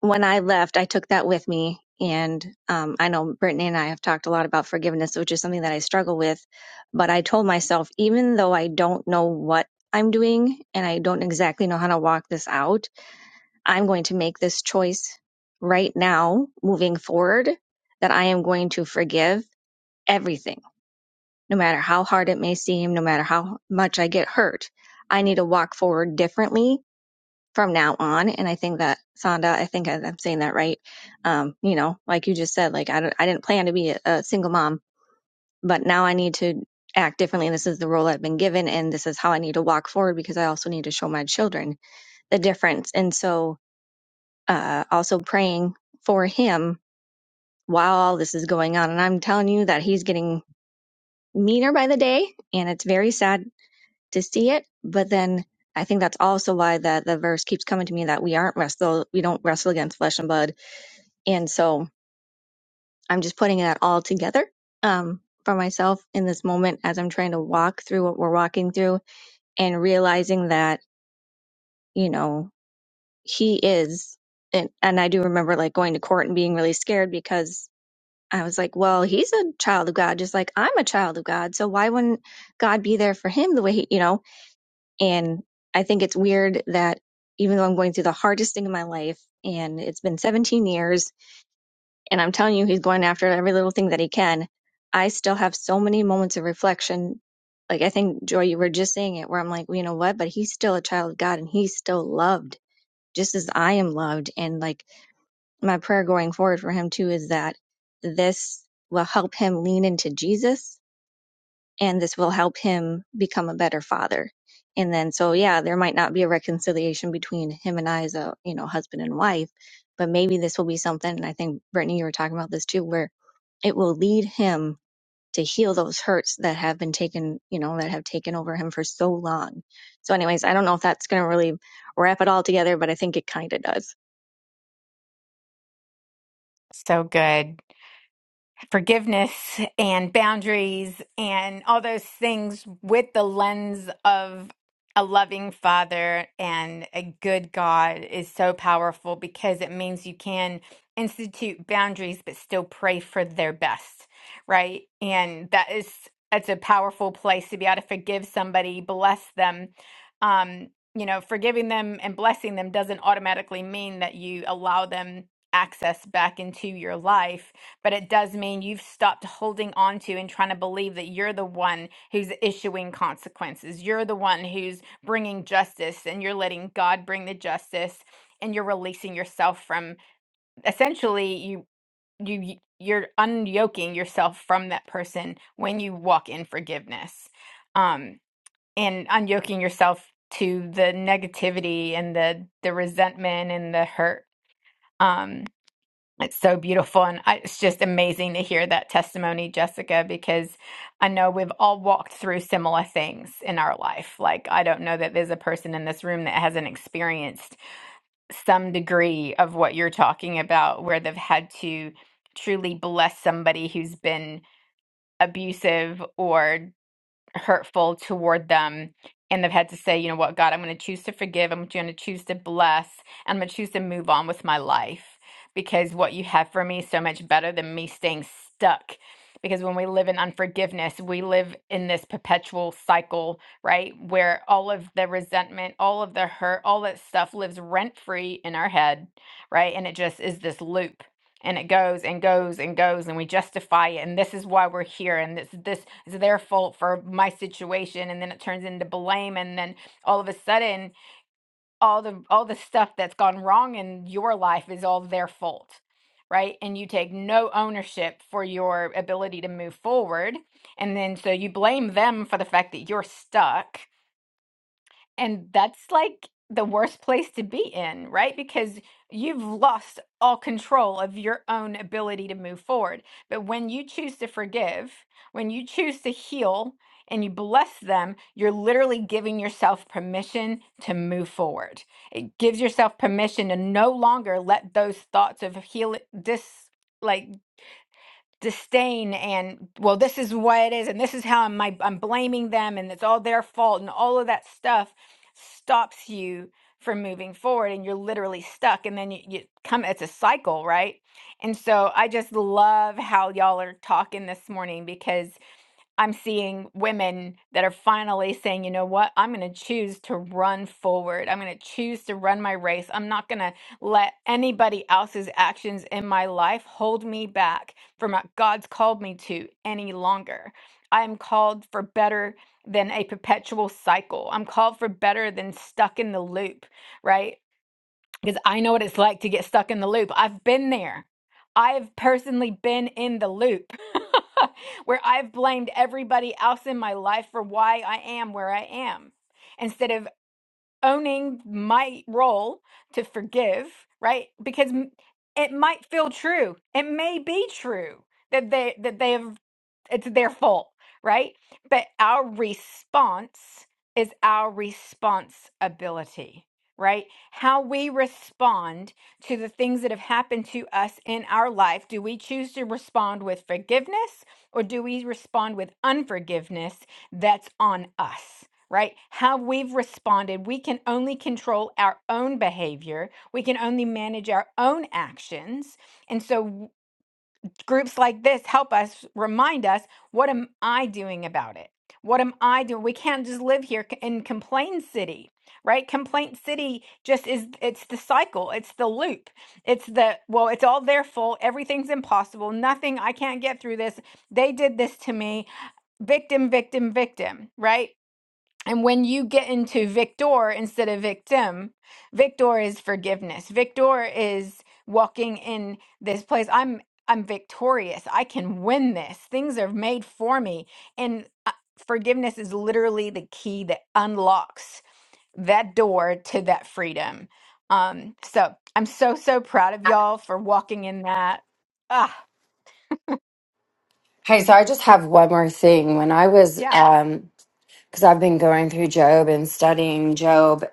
Speaker 9: when I left, I took that with me. And um, I know Brittany and I have talked a lot about forgiveness, which is something that I struggle with. But I told myself, even though I don't know what I'm doing and I don't exactly know how to walk this out, I'm going to make this choice right now, moving forward, that I am going to forgive everything, no matter how hard it may seem, no matter how much I get hurt. I need to walk forward differently from now on. And I think that Sonda, I think I, I'm saying that right. Um, you know, like you just said, like I don't, I didn't plan to be a, a single mom, but now I need to act differently. And this is the role I've been given, and this is how I need to walk forward because I also need to show my children the difference. And so, uh, also praying for him while all this is going on. And I'm telling you that he's getting meaner by the day, and it's very sad to see it. But then I think that's also why that the verse keeps coming to me that we aren't wrestle we don't wrestle against flesh and blood. And so I'm just putting that all together um for myself in this moment as I'm trying to walk through what we're walking through and realizing that, you know, he is and, and I do remember like going to court and being really scared because I was like, well, he's a child of God, just like I'm a child of God. So why wouldn't God be there for him the way he, you know? And I think it's weird that even though I'm going through the hardest thing in my life and it's been 17 years and I'm telling you, he's going after every little thing that he can, I still have so many moments of reflection. Like I think, Joy, you were just saying it where I'm like, well, you know what? But he's still a child of God and he's still loved just as I am loved. And like my prayer going forward for him too is that this will help him lean into Jesus and this will help him become a better father. And then, so yeah, there might not be a reconciliation between him and I as a, you know, husband and wife, but maybe this will be something. And I think Brittany, you were talking about this too, where it will lead him to heal those hurts that have been taken, you know, that have taken over him for so long. So, anyways, I don't know if that's going to really wrap it all together, but I think it kind of does.
Speaker 1: So good. forgiveness and boundaries and all those things with the lens of a loving father and a good God is so powerful because it means you can institute boundaries but still pray for their best, right? And that is that's a powerful place to be able to forgive somebody, bless them. Um, you know, forgiving them and blessing them doesn't automatically mean that you allow them access back into your life but it does mean you've stopped holding on to and trying to believe that you're the one who's issuing consequences. You're the one who's bringing justice and you're letting God bring the justice and you're releasing yourself from essentially you you you're unyoking yourself from that person when you walk in forgiveness. Um and unyoking yourself to the negativity and the the resentment and the hurt. um. It's so beautiful. And I, it's just amazing to hear that testimony, Jessica, because I know we've all walked through similar things in our life. Like, I don't know that there's a person in this room that hasn't experienced some degree of what you're talking about, where they've had to truly bless somebody who's been abusive or hurtful toward them and they've had to say, you know what, God, I'm going to choose to forgive. I'm going to choose to bless. And I'm going to choose to move on with my life because what you have for me is so much better than me staying stuck. Because when we live in unforgiveness, we live in this perpetual cycle, right? Where all of the resentment, all of the hurt, all that stuff lives rent free in our head, right? And it just is this loop and it goes and goes and goes and we justify it and this is why we're here and this this is their fault for my situation and then it turns into blame and then all of a sudden all the all the stuff that's gone wrong in your life is all their fault right and you take no ownership for your ability to move forward and then so you blame them for the fact that you're stuck and that's like the worst place to be in, right? Because you've lost all control of your own ability to move forward. But when you choose to forgive, when you choose to heal and you bless them, you're literally giving yourself permission to move forward. It gives yourself permission to no longer let those thoughts of heal this like disdain and well this is what it is and this is how I'm my, I'm blaming them and it's all their fault and all of that stuff stops you from moving forward and you're literally stuck and then you, you come it's a cycle right and so I just love how y'all are talking this morning because. I'm seeing women that are finally saying, you know what, I'm going to choose to run forward. I'm going to choose to run my race. I'm not going to let anybody else's actions in my life hold me back from what God's called me to any longer. I am called for better than a perpetual cycle. I'm called for better than stuck in the loop, right? because I know what it's like to get stuck in the loop. I've been there. I've personally been in the loop where I've blamed everybody else in my life for why I am where I am instead of owning my role to forgive, right? Because m- it might feel true. It may be true that they that they have it's their fault, right? But our response is our responsibility, right? How we respond to the things that have happened to us in our life. Do we choose to respond with forgiveness or do we respond with unforgiveness? That's on us right? How we've responded. We can only control our own behavior, we can only manage our own actions. And so, w- groups like this help us remind us what am I doing about it? What am I doing? We can't just live here c- in complaint city, right? Complaint city just is, it's the cycle, it's the loop. It's the, well, it's all their fault. Everything's impossible. Nothing, I can't get through this. They did this to me. Victim, victim, victim, right? And when you get into victor instead of victim, victor is forgiveness. Victor is walking in this place. I'm I'm victorious. I can win this. Things are made for me. And uh, forgiveness is literally the key that unlocks that door to that freedom. Um so I'm so so proud of y'all for walking in that. Ah,
Speaker 6: Hey, so I just have one more thing. When I was
Speaker 1: yeah.
Speaker 6: um, because I've been going through Job and studying Job.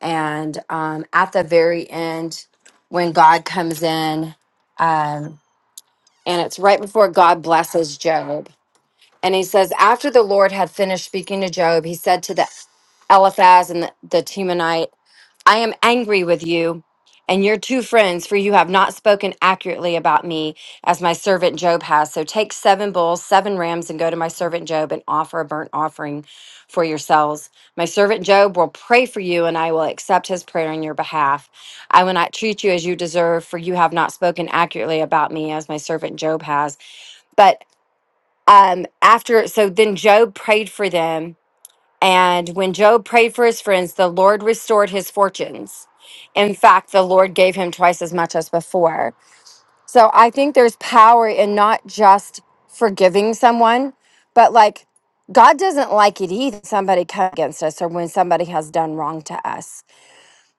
Speaker 6: And um, at the very end, when God comes in, um, and it's right before God blesses Job, and he says, After the Lord had finished speaking to Job, he said to the Eliphaz and the, the Temanite, I am angry with you and your two friends, for you have not spoken accurately about me as my servant Job has. So take seven bulls, seven rams, and go to my servant Job and offer a burnt offering for yourselves. My servant Job will pray for you, and I will accept his prayer on your behalf. I will not treat you as you deserve, for you have not spoken accurately about me as my servant Job has. But um, after, so then Job prayed for them and when Job prayed for his friends, the Lord restored his fortunes. In fact, the Lord gave him twice as much as before. So I think there's power in not just forgiving someone, but like God doesn't like it either. when Somebody come against us or when somebody has done wrong to us,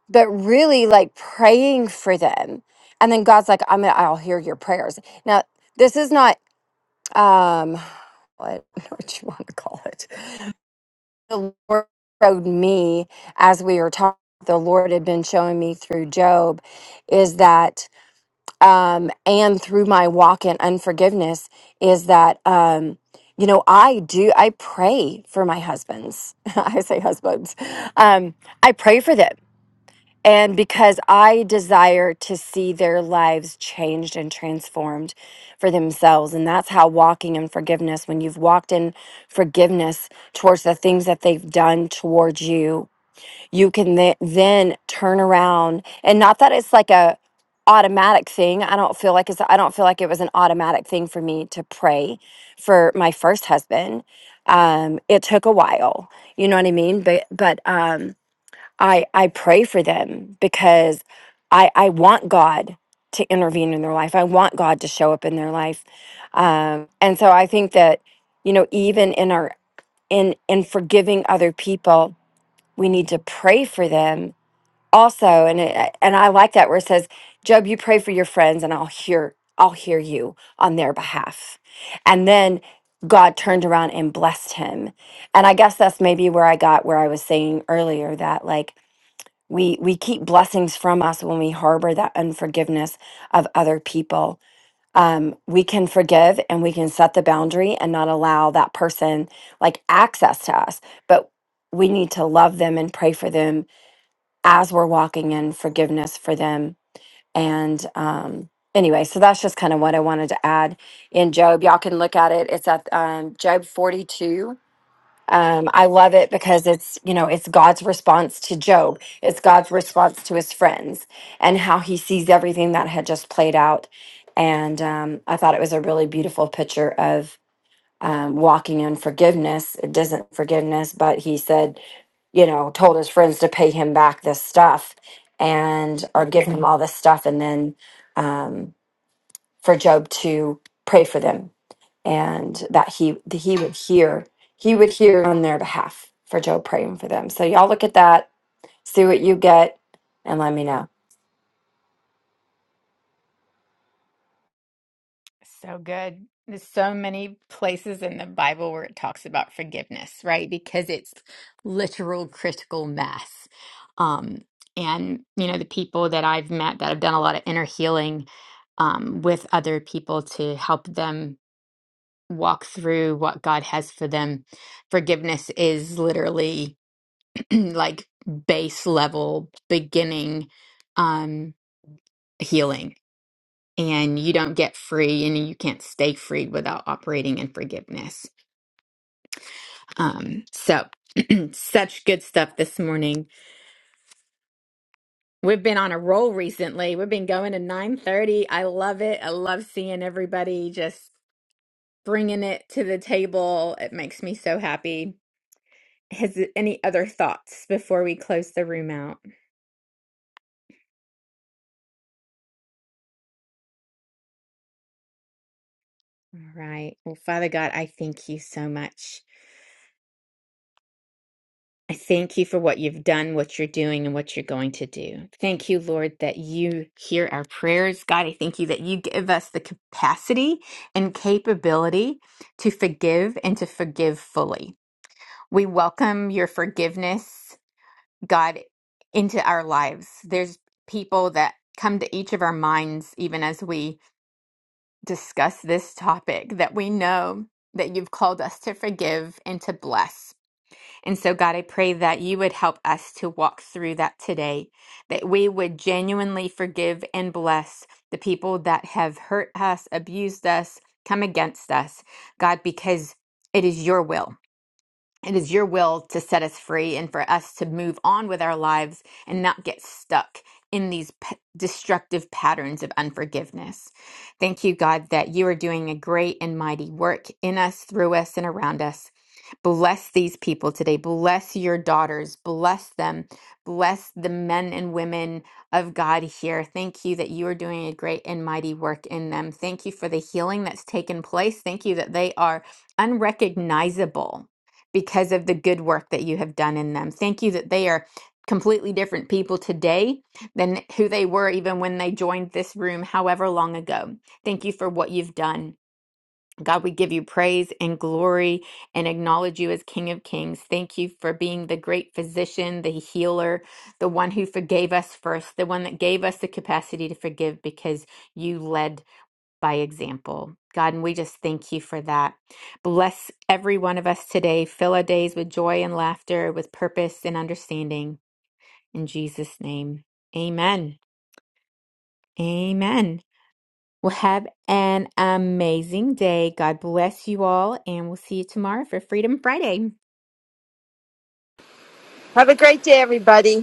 Speaker 6: but really like praying for them. And then God's like, I'm gonna, I'll hear your prayers. Now, this is not, um, what, what you want to call it the Lord showed me as we were talking, the Lord had been showing me through Job is that, um, and through my walk in unforgiveness, is that, um, you know, I do, I pray for my husbands. I say husbands. Um, I pray for them. And because I desire to see their lives changed and transformed for themselves. And that's how walking in forgiveness, when you've walked in forgiveness towards the things that they've done towards you, you can th- then turn around. And not that it's like a automatic thing. I don't feel like it's I don't feel like it was an automatic thing for me to pray for my first husband. Um it took a while. You know what I mean? But but um I I pray for them because I I want God to intervene in their life. I want God to show up in their life, um, and so I think that you know even in our in in forgiving other people, we need to pray for them also. And it, and I like that where it says, "Job, you pray for your friends, and I'll hear I'll hear you on their behalf," and then. God turned around and blessed him. And I guess that's maybe where I got where I was saying earlier that, like, we we keep blessings from us when we harbor that unforgiveness of other people um, we can forgive and we can set the boundary and not allow that person like access to us but we need to love them and pray for them as we're walking in forgiveness for them and um, anyway so that's just kind of what i wanted to add in job y'all can look at it it's at um, job 42 um, I love it because it's, you know, it's God's response to Job. It's God's response to his friends and how he sees everything that had just played out. And um, I thought it was a really beautiful picture of um, walking in forgiveness. It doesn't forgiveness, but he said, you know, told his friends to pay him back this stuff and or give him all this stuff. And then um, for Job to pray for them and that he that he would hear he would hear on their behalf for Joe praying for them. So y'all look at that, see what you get, and let me know.
Speaker 1: So good. There's so many places in the Bible where it talks about forgiveness, right? Because it's literal critical mass. Um, and, you know, the people that I've met that have done a lot of inner healing um, with other people to help them walk through what God has for them, forgiveness is literally like base level beginning um, healing and you don't get free and you can't stay free without operating in forgiveness. Um, so such good stuff this morning. We've been on a roll recently. We've been going to 9:30. I love it. I love seeing everybody just bringing it to the table. It makes me so happy. Has any other thoughts before we close the room out? All right. Well, Father God, I thank you so much. I thank you for what you've done, what you're doing, and what you're going to do. Thank you, Lord, that you hear our prayers. God, I thank you that you give us the capacity and capability to forgive and to forgive fully. We welcome your forgiveness, God, into our lives. There's people that come to each of our minds, even as we discuss this topic, that we know that you've called us to forgive and to bless. And so, God, I pray that you would help us to walk through that today, that we would genuinely forgive and bless the people that have hurt us, abused us, come against us, God, because it is your will. It is your will to set us free and for us to move on with our lives and not get stuck in these p- destructive patterns of unforgiveness. Thank you, God, that you are doing a great and mighty work in us, through us, and around us. Bless these people today. Bless your daughters. Bless them. Bless the men and women of God here. Thank you that you are doing a great and mighty work in them. Thank you for the healing that's taken place. Thank you that they are unrecognizable because of the good work that you have done in them. Thank you that they are completely different people today than who they were even when they joined this room, however long ago. Thank you for what you've done. God, we give you praise and glory and acknowledge you as King of Kings. Thank you for being the great physician, the healer, the one who forgave us first, the one that gave us the capacity to forgive because you led by example. God, and we just thank you for that. Bless every one of us today. Fill our days with joy and laughter, with purpose and understanding. In Jesus' name, amen. Amen. Well, have an amazing day. God bless you all, and we'll see you tomorrow for Freedom Friday.
Speaker 10: Have a great day, everybody.